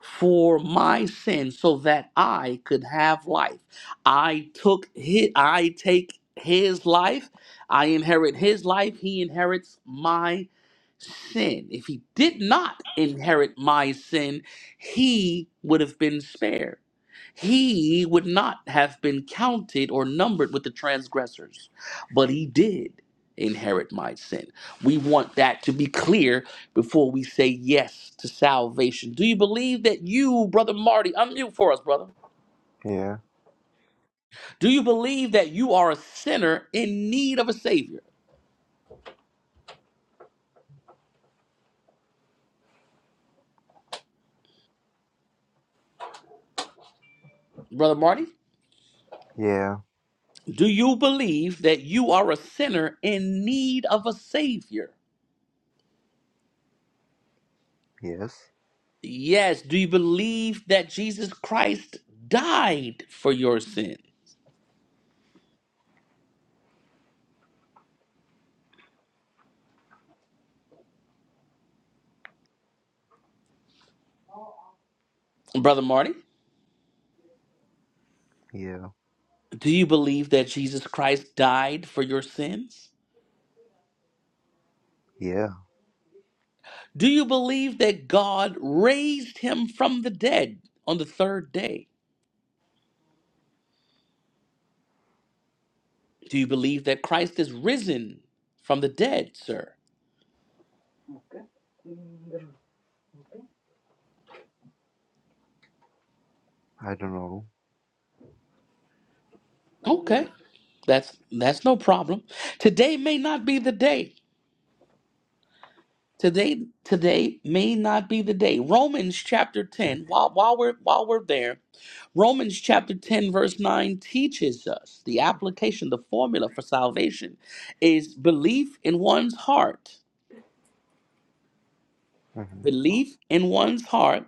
S1: for my sin so that I could have life. I took his, I take his life, I inherit his life, he inherits my sin. If he did not inherit my sin, he would have been spared. He would not have been counted or numbered with the transgressors, but he did inherit my sin. We want that to be clear before we say yes to salvation? Do you believe that you, Brother Marty, unmute for us, brother?
S3: Yeah.
S1: Do you believe that you are a sinner in need of a Savior? Brother Marty,
S3: Yeah.
S1: do you believe that you are a sinner in need of a Savior?
S3: Yes.
S1: Yes. Do you believe that Jesus Christ died for your sin? Brother Marty,
S3: Yeah.
S1: do you believe that Jesus Christ died for your sins?
S3: Yeah.
S1: Do you believe that God raised him from the dead on the third day? Do you believe that Christ is risen from the dead, sir?
S3: I don't know.
S1: Okay, that's that's no problem. Today may not be the day. Today today may not be the day. Romans chapter 10, while while we're while we're there, Romans chapter 10 verse 9 teaches us the application, the formula for salvation is belief in one's heart.
S3: Mhm.
S1: Belief in one's heart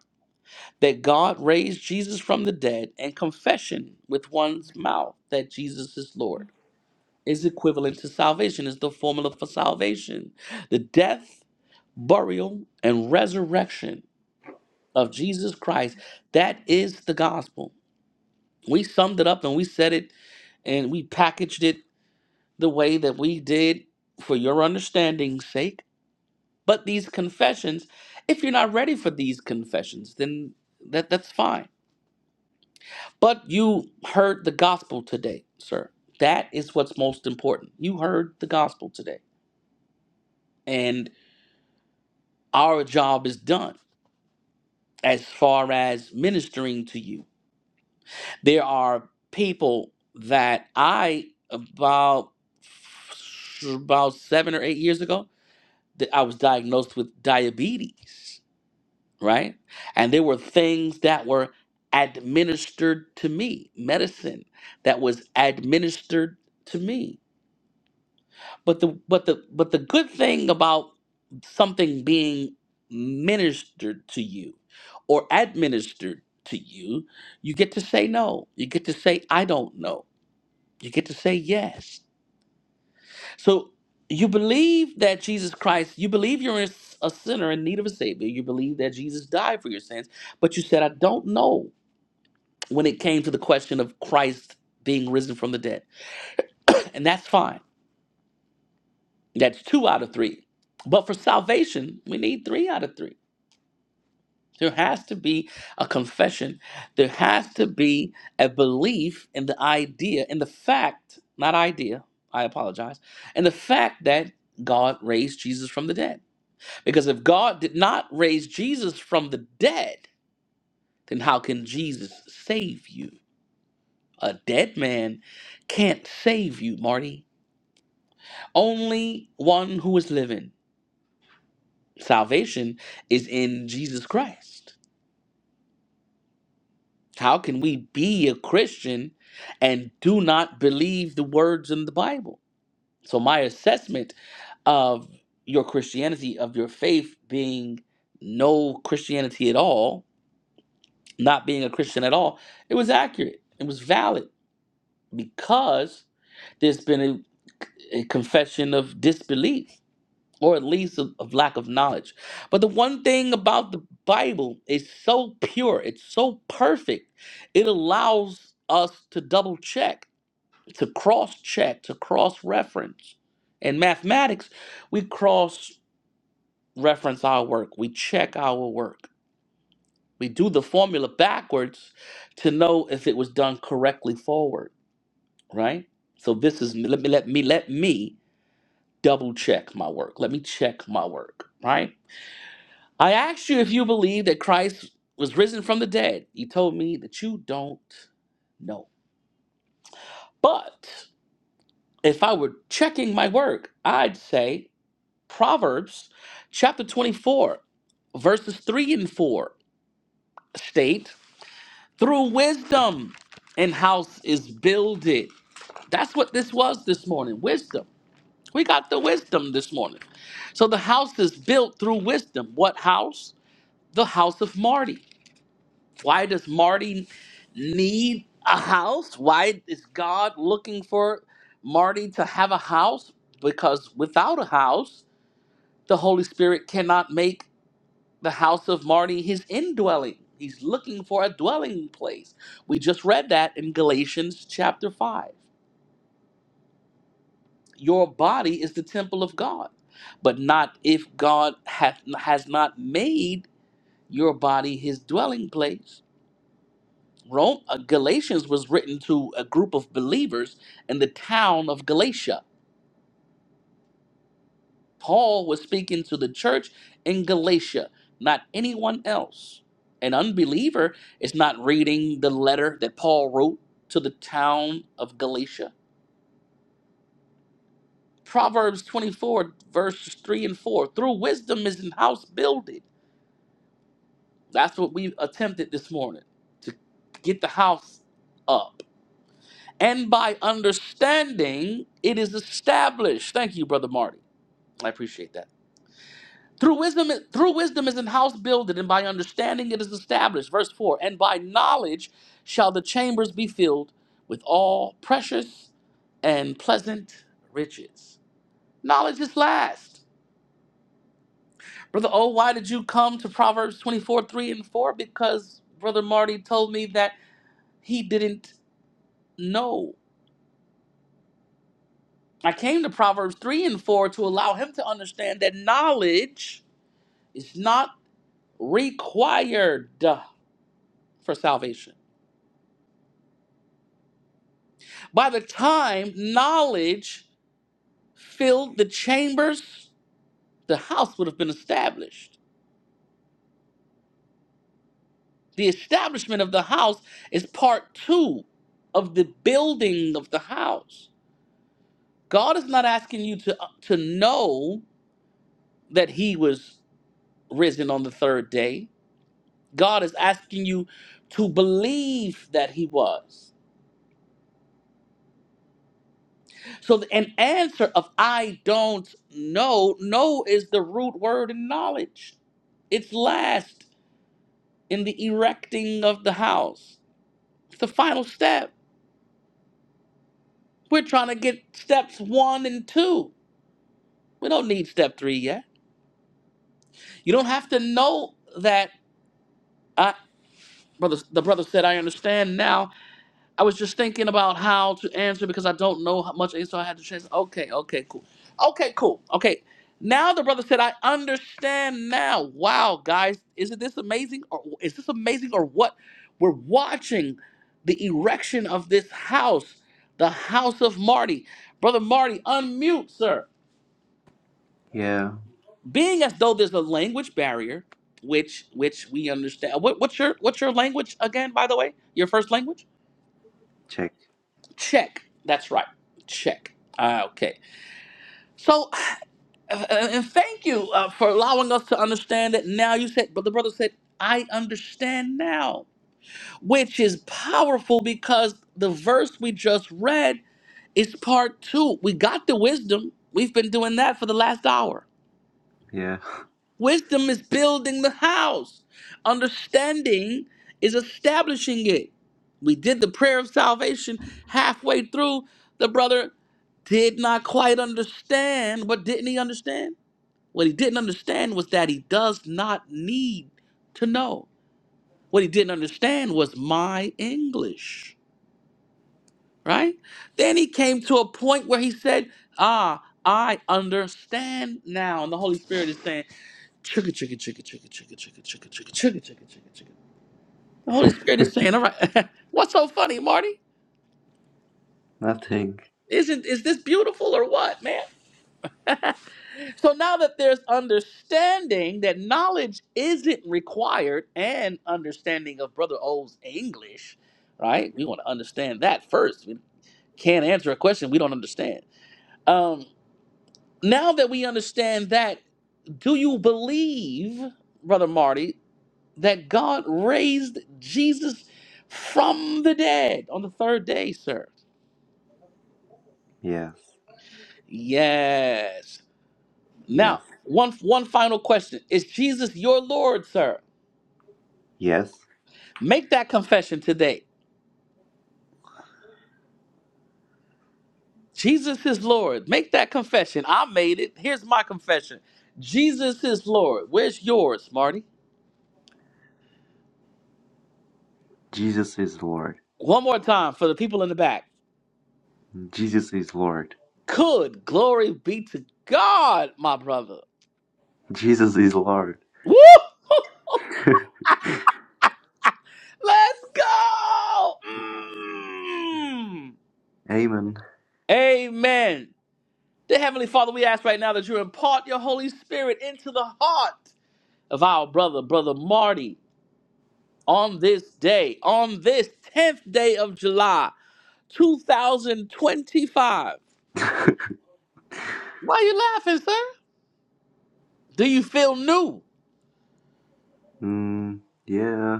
S1: that God raised Jesus from the dead and confession with one's mouth that Jesus is Lord. is equivalent to salvation, is the formula for salvation. The death, burial, and resurrection of Jesus Christ, that is the gospel. We summed it up and we said it and we packaged it the way that we did for your understanding's sake. But these confessions, if you're not ready for these confessions, then that, that's fine. But you heard the gospel today, sir. That is what's most important. You heard the gospel today. and. our job is done as far as ministering to you. There are people that I about about seven or eight years ago that I was diagnosed with diabetes, right? And there were things that were administered to me, medicine that was administered to me. But the but the but the good thing about something being ministered to you or administered to you, you get to say no. You get to say I don't know. You get to say yes. So you believe that Jesus Christ, you believe you're a s- a sinner in need of a savior. You believe that Jesus died for your sins, but you said I don't know when it came to the question of Christ being risen from the dead. And that's fine That's two out of three. But for salvation, we need three out of three. There has to be a confession. There has to be a belief in the idea, in the fact, not idea, I apologize, in the fact that God raised Jesus from the dead. Because if God did not raise Jesus from the dead, then how can Jesus save you? A dead man can't save you, Marty. Only one who is living Salvation is in Jesus Christ. How can we be a Christian and do not believe the words in the Bible? So, my assessment of your Christianity, of your faith being no Christianity at all, not being a Christian at all, it was accurate. It was valid because there's been a, a confession of disbelief or at least of, of lack of knowledge. But the one thing about the Bible is so pure, it's so perfect, it allows us to double check, to cross check, to cross reference. In mathematics, we cross reference our work, we check our work. We do the formula backwards to know if it was done correctly forward, right? So this is let me let me let me double check my work. Let me check my work, right? I asked you if you believe that Christ was risen from the dead. You told me that you don't know. But if I were checking my work, I'd say Proverbs chapter 24, verses 3 and 4 state, through wisdom and house is builded. That's what this was this morning wisdom. We got the wisdom this morning. So the house is built through wisdom. What house? The house of Marty. Why does Marty need a house? Why is God looking for Marty to have a house? Because without a house, the Holy Spirit cannot make the house of Marty his indwelling. He's looking for a dwelling place. We just read that in Galatians chapter 5. Your body is the temple of God, but not if God hath, has not made your body his dwelling place. Rome, uh, Galatians was written to a group of believers in the town of Galatia. Paul was speaking to the church in Galatia, not anyone else. An unbeliever is not reading the letter that Paul wrote to the town of Galatia. Proverbs 24, verses 3 and 4 through wisdom is the house builded. That's what we attempted this morning to get the house up And by understanding, it is established. Thank you, Brother Marty. I appreciate that. Through wisdom, through wisdom is an house builded, and by understanding it is established. Verse 4 And by knowledge shall the chambers be filled with all precious and pleasant riches. Knowledge is last. Brother Oh, why did you come to Proverbs 24, 3 and 4? Because Brother Marty told me that he didn't know I came to Proverbs 3 and 4 to allow him to understand that knowledge is not required for salvation. By the time knowledge filled the chambers, the house would have been established. The establishment of the house is part two of the building of the house. God is not asking you to, to know that he was risen on the third day. God is asking you to believe that he was. So th- an answer of I don't know, no is the root word in knowledge. It's last in the erecting of the house. It's the final step. We're trying to get steps 1 and 2. We don't need step 3 yet. You don't have to know that I brother the brother said I understand now I was just thinking about how to answer because I don't know how much, so I had to change. Okay, okay, cool. Okay, cool. Okay. Now the brother said, I understand now. Wow, guys, isn't this amazing? Or is this amazing or what? We're watching the erection of this house, the house of Marty. Brother Marty, unmute, sir.
S3: Yeah.
S1: Being as though there's a language barrier, which which we understand. What, what's your what's your language again, by the way? Your first language?
S3: Check.
S1: Check. That's right. Check. Ah, okay. So, uh, uh, and thank you uh, for allowing us to understand that now. You said, but the brother said, I understand now, which is powerful because the verse we just read is part two. We got the wisdom. We've been doing that for the last hour.
S3: Yeah.
S1: Wisdom is building the house. Understanding is establishing it. We did the prayer of salvation halfway through. The brother did not quite understand. What didn't he understand? What he didn't understand was that he does not need to know. What he didn't understand was my English, right? Then he came to a point where he said, Ah, I understand now. And the Holy Spirit is saying, Chicka, chicka, chicka, chicka, chicka, chicka, chicka, chicka, chicka, chicka, chicka, chicka. The Holy Spirit is saying, "All right, what's so funny, Marty?
S3: Nothing.
S1: Isn't is this beautiful or what, man?" so now that there's understanding that knowledge isn't required, and understanding of Brother O's English, right? We want to understand that first. We can't answer a question we don't understand. Um, now that we understand that, do you believe, Brother Marty? that God raised Jesus from the dead on the third day, sir.
S3: Yes.
S1: Yes. Now,
S3: Yes.
S1: one one final question. Is Jesus your Lord, sir?
S3: Yes.
S1: Make that confession today. Jesus is Lord. Make that confession. I made it. Here's my confession. Jesus is Lord. Where's yours, Marty?
S3: Jesus is Lord.
S1: One more time for the people in the back.
S3: Jesus is Lord.
S1: Could glory be to God, my brother.
S3: Jesus is Lord.
S1: Woo! Let's go. Mm.
S3: Amen.
S1: Amen. Dear Heavenly Father, we ask right now that you impart your Holy Spirit into the heart of our brother, Brother Marty, on this day, on this 10th day of July, 2025. Why are you laughing, sir? Do you feel new?
S3: Mm, yeah.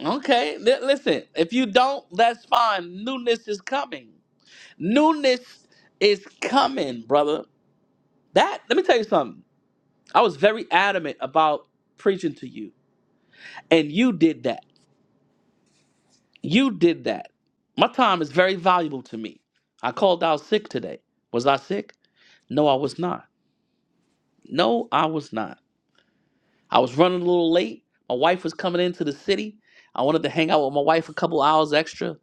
S1: Okay, li- listen, if you don't, that's fine. Newness is coming. Newness is coming, brother. That, let me tell you something. I was very adamant about preaching to you, and you did that. You did that. My time is very valuable to me. I called out sick today. Was I sick? No, I was not. No, I was not. I was running a little late. My wife was coming into the city. I wanted to hang out with my wife a couple hours extra,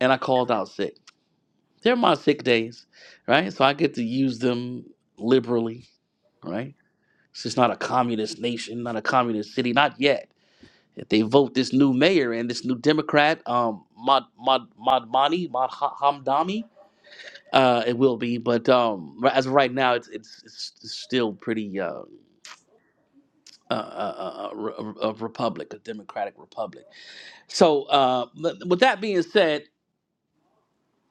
S1: and I called out sick. They're my sick days, right? So I get to use them liberally, right? It's just not a communist nation, not a communist city, not yet If they vote this new mayor and this new Democrat, um, Mad Mad Madmani Mad Hamdami, uh, it will be. But um, ri- as of right now, it's it's, it's it's still pretty. Uh, uh, uh, uh, uh, re- a, a republic, a democratic republic. So, uh, but- with that being said,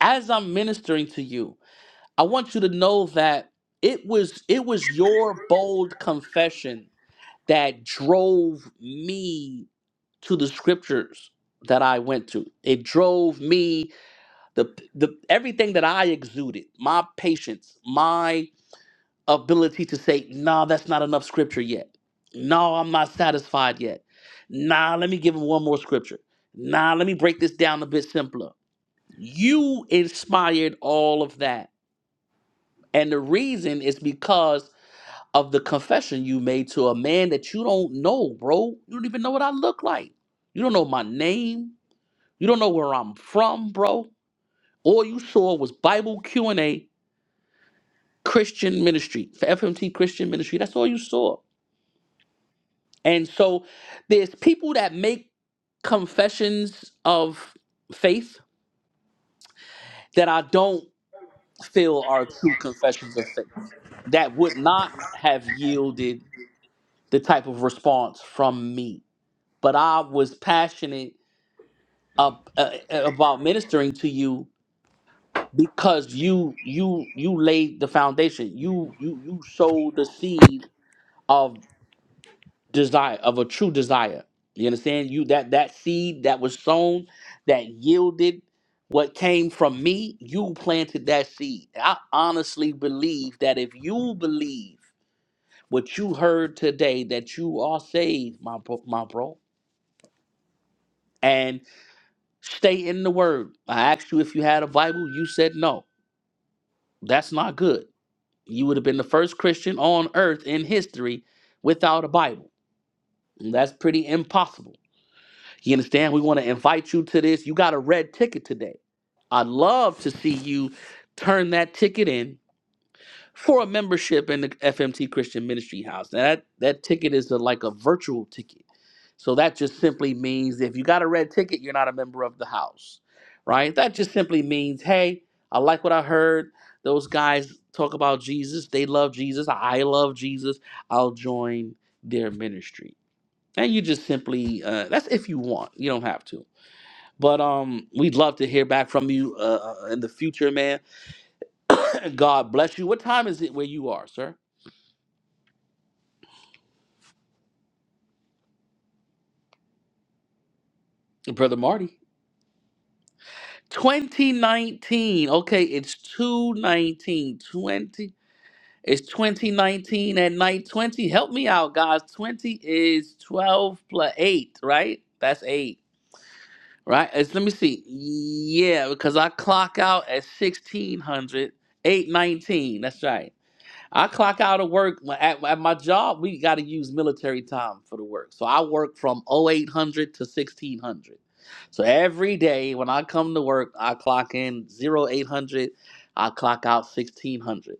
S1: as I'm ministering to you, I want you to know that it was it was your bold confession that drove me to the scriptures that I went to. It drove me the the everything that I exuded, my patience, my ability to say, "Nah, that's not enough scripture yet. No, I'm not satisfied yet. Nah, let me give him one more scripture. Nah, let me break this down a bit simpler." You inspired all of that. And the reason is because of the confession you made to a man that you don't know, bro. You don't even know what I look like. You don't know my name. You don't know where I'm from, bro. All you saw was Bible Q&A, Christian ministry, for FMT Christian ministry. That's all you saw. And so there's people that make confessions of faith that I don't feel are true confessions of faith that would not have yielded the type of response from me. But I was passionate ab- uh, about ministering to you because you you you laid the foundation you you you sowed the seed of desire of a true desire you understand you that that seed that was sown that yielded what came from me you planted that seed i honestly believe that if you believe what you heard today that you are saved my bro, my bro and stay in the word i asked you if you had a bible you said no that's not good You would have been the first Christian on earth in history without a Bible. And that's pretty impossible. You understand? We want to invite you to this. You got a red ticket today. I'd love to see you turn that ticket in for a membership in the FMT Christian Ministry House. Now that that ticket is a, like a virtual ticket, so that just simply means if you got a red ticket, you're not a member of the house, right? That just simply means, hey, I like what I heard. Those guys talk about Jesus. They love Jesus. I love Jesus. I'll join their ministry. And you just simply uh, that's if you want. You don't have to. But um, we'd love to hear back from you uh, uh, in the future, man. God bless you. What time is it where you are, sir? Brother Marty. 2019. Okay, it's 219. 20. It's 2019 at night 20. Help me out, guys. 20 is 12 plus 8, right? That's 8, right? It's, let me see. Yeah, because I clock out at 1600. 819. That's right. I clock out of work at, at my job. We got to use military time for the work, so I work from 0800 to 1600. So every day when I come to work, I clock in 0800, I clock out 1600.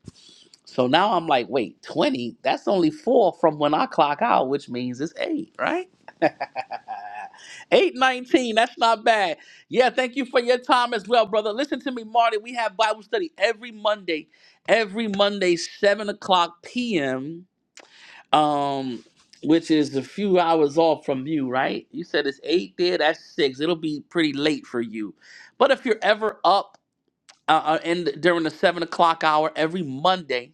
S1: So now I'm like, wait, 20? That's only four from when I clock out, which means it's eight, right? 819, that's not bad. Yeah, thank you for your time as well, brother. Listen to me, Marty. We have Bible study every Monday, every Monday, 7 o'clock p.m., um, which is a few hours off from you, right? You said it's 8 there, that's 6. It'll be pretty late for you. But if you're ever up uh, uh, in, during the 7 o'clock hour every Monday,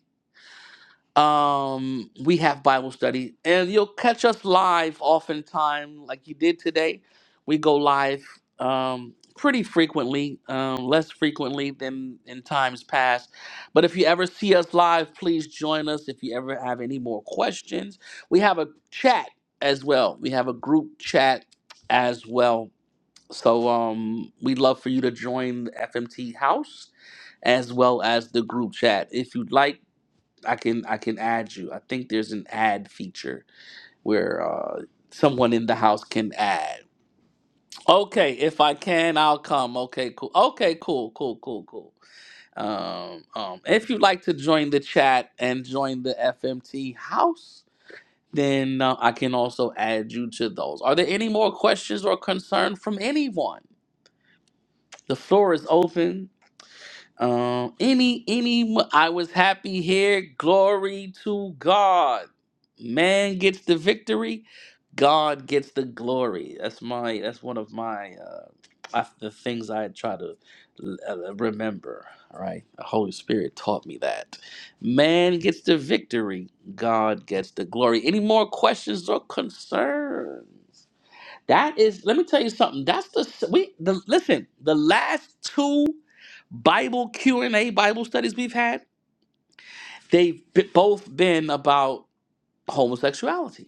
S1: um we have bible study and you'll catch us live oftentimes like you did today we go live um pretty frequently um less frequently than in times past but if you ever see us live please join us if you ever have any more questions we have a chat as well we have a group chat as well so um we'd love for you to join the fmt house as well as the group chat if you'd like I can I can add you. I think there's an add feature where uh, someone in the house can add. Okay, if I can, I'll come. Okay, cool. Okay, cool, cool, cool, cool. Um, um, if you'd like to join the chat and join the FMT house, then uh, I can also add you to those. Are there any more questions or concern from anyone? The floor is open. Um, any, any, I was happy here. Glory to God. Man gets the victory. God gets the glory. That's my. That's one of my. Uh, I, the things I try to uh, uh, remember. All right, the Holy Spirit taught me that. Man gets the victory. God gets the glory. Any more questions or concerns? That is, let me tell you something. That's the s- we the listen. The last two Bible Q and A Bible studies we've had, they've b- both been about homosexuality.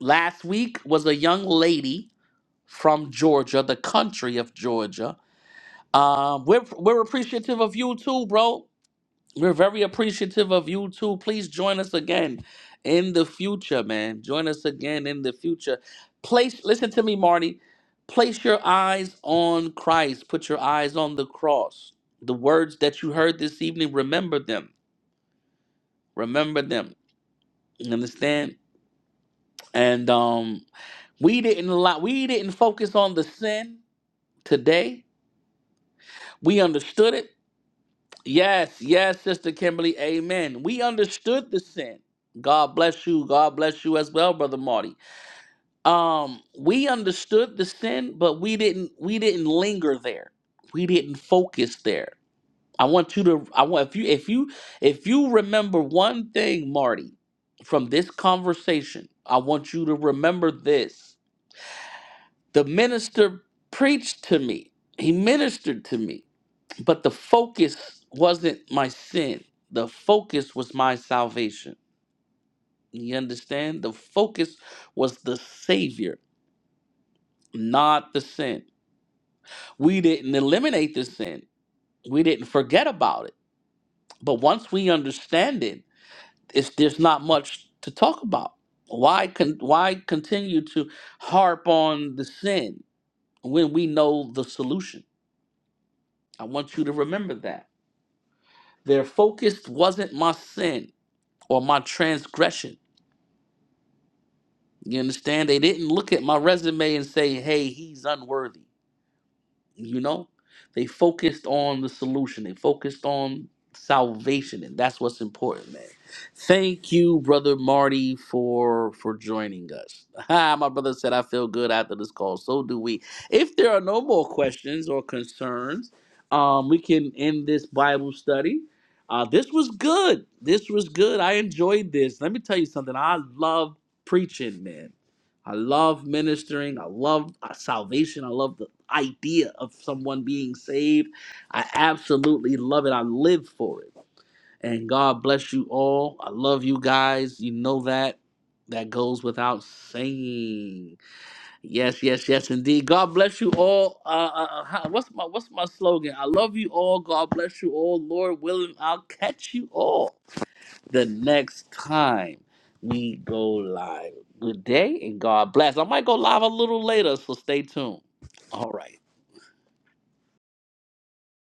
S1: Last week was a young lady from Georgia, the country of Georgia. Um, we're we're appreciative of you too, bro. We're very appreciative of you too. Please join us again in the future, man. Join us again in the future. Place, listen to me, Marty. Place your eyes on Christ. Put your eyes on the cross. The words that you heard this evening, remember them. Remember them. You understand? And um, we didn't allow, we didn't focus on the sin today. We understood it Yes, yes, Sister Kimberly. Amen. We understood the sin. God bless you. God bless you as well, Brother Marty. Um, we understood the sin, but we didn't we didn't linger there. We didn't focus there. I want you to I want if you if you if you remember one thing, Marty, from this conversation, I want you to remember this. The minister preached to me. He ministered to me but the focus wasn't my sin. The focus was my salvation. You understand? The focus was the Savior, not the sin. We didn't eliminate the sin, we didn't forget about it. But once we understand it, it's, there's not much to talk about. Why, con- why continue to harp on the sin when we know the solution? I want you to remember that. Their focus wasn't my sin or my transgression You understand? They didn't look at my resume and say, hey, he's unworthy. You know, they focused on the solution. They focused on salvation, and that's what's important, man. Thank you, brother Marty, for for joining us. Ah, My brother said I feel good after this call. So do we. If there are no more questions or concerns, um, we can end this Bible study. Uh, this was good. This was good. I enjoyed this. Let me tell you something. I love preaching, man. I love ministering. I love uh, salvation. I love the idea of someone being saved. I absolutely love it. I live for it. And God bless you all. I love you guys. You know that. That goes without saying. Yes, yes, yes, indeed. God bless you all. Uh, uh, uh, what's my what's my slogan? I love you all. God bless you all. Lord willing, I'll catch you all the next time we go live. Good day and God bless. I might go live a little later, so stay tuned. All right.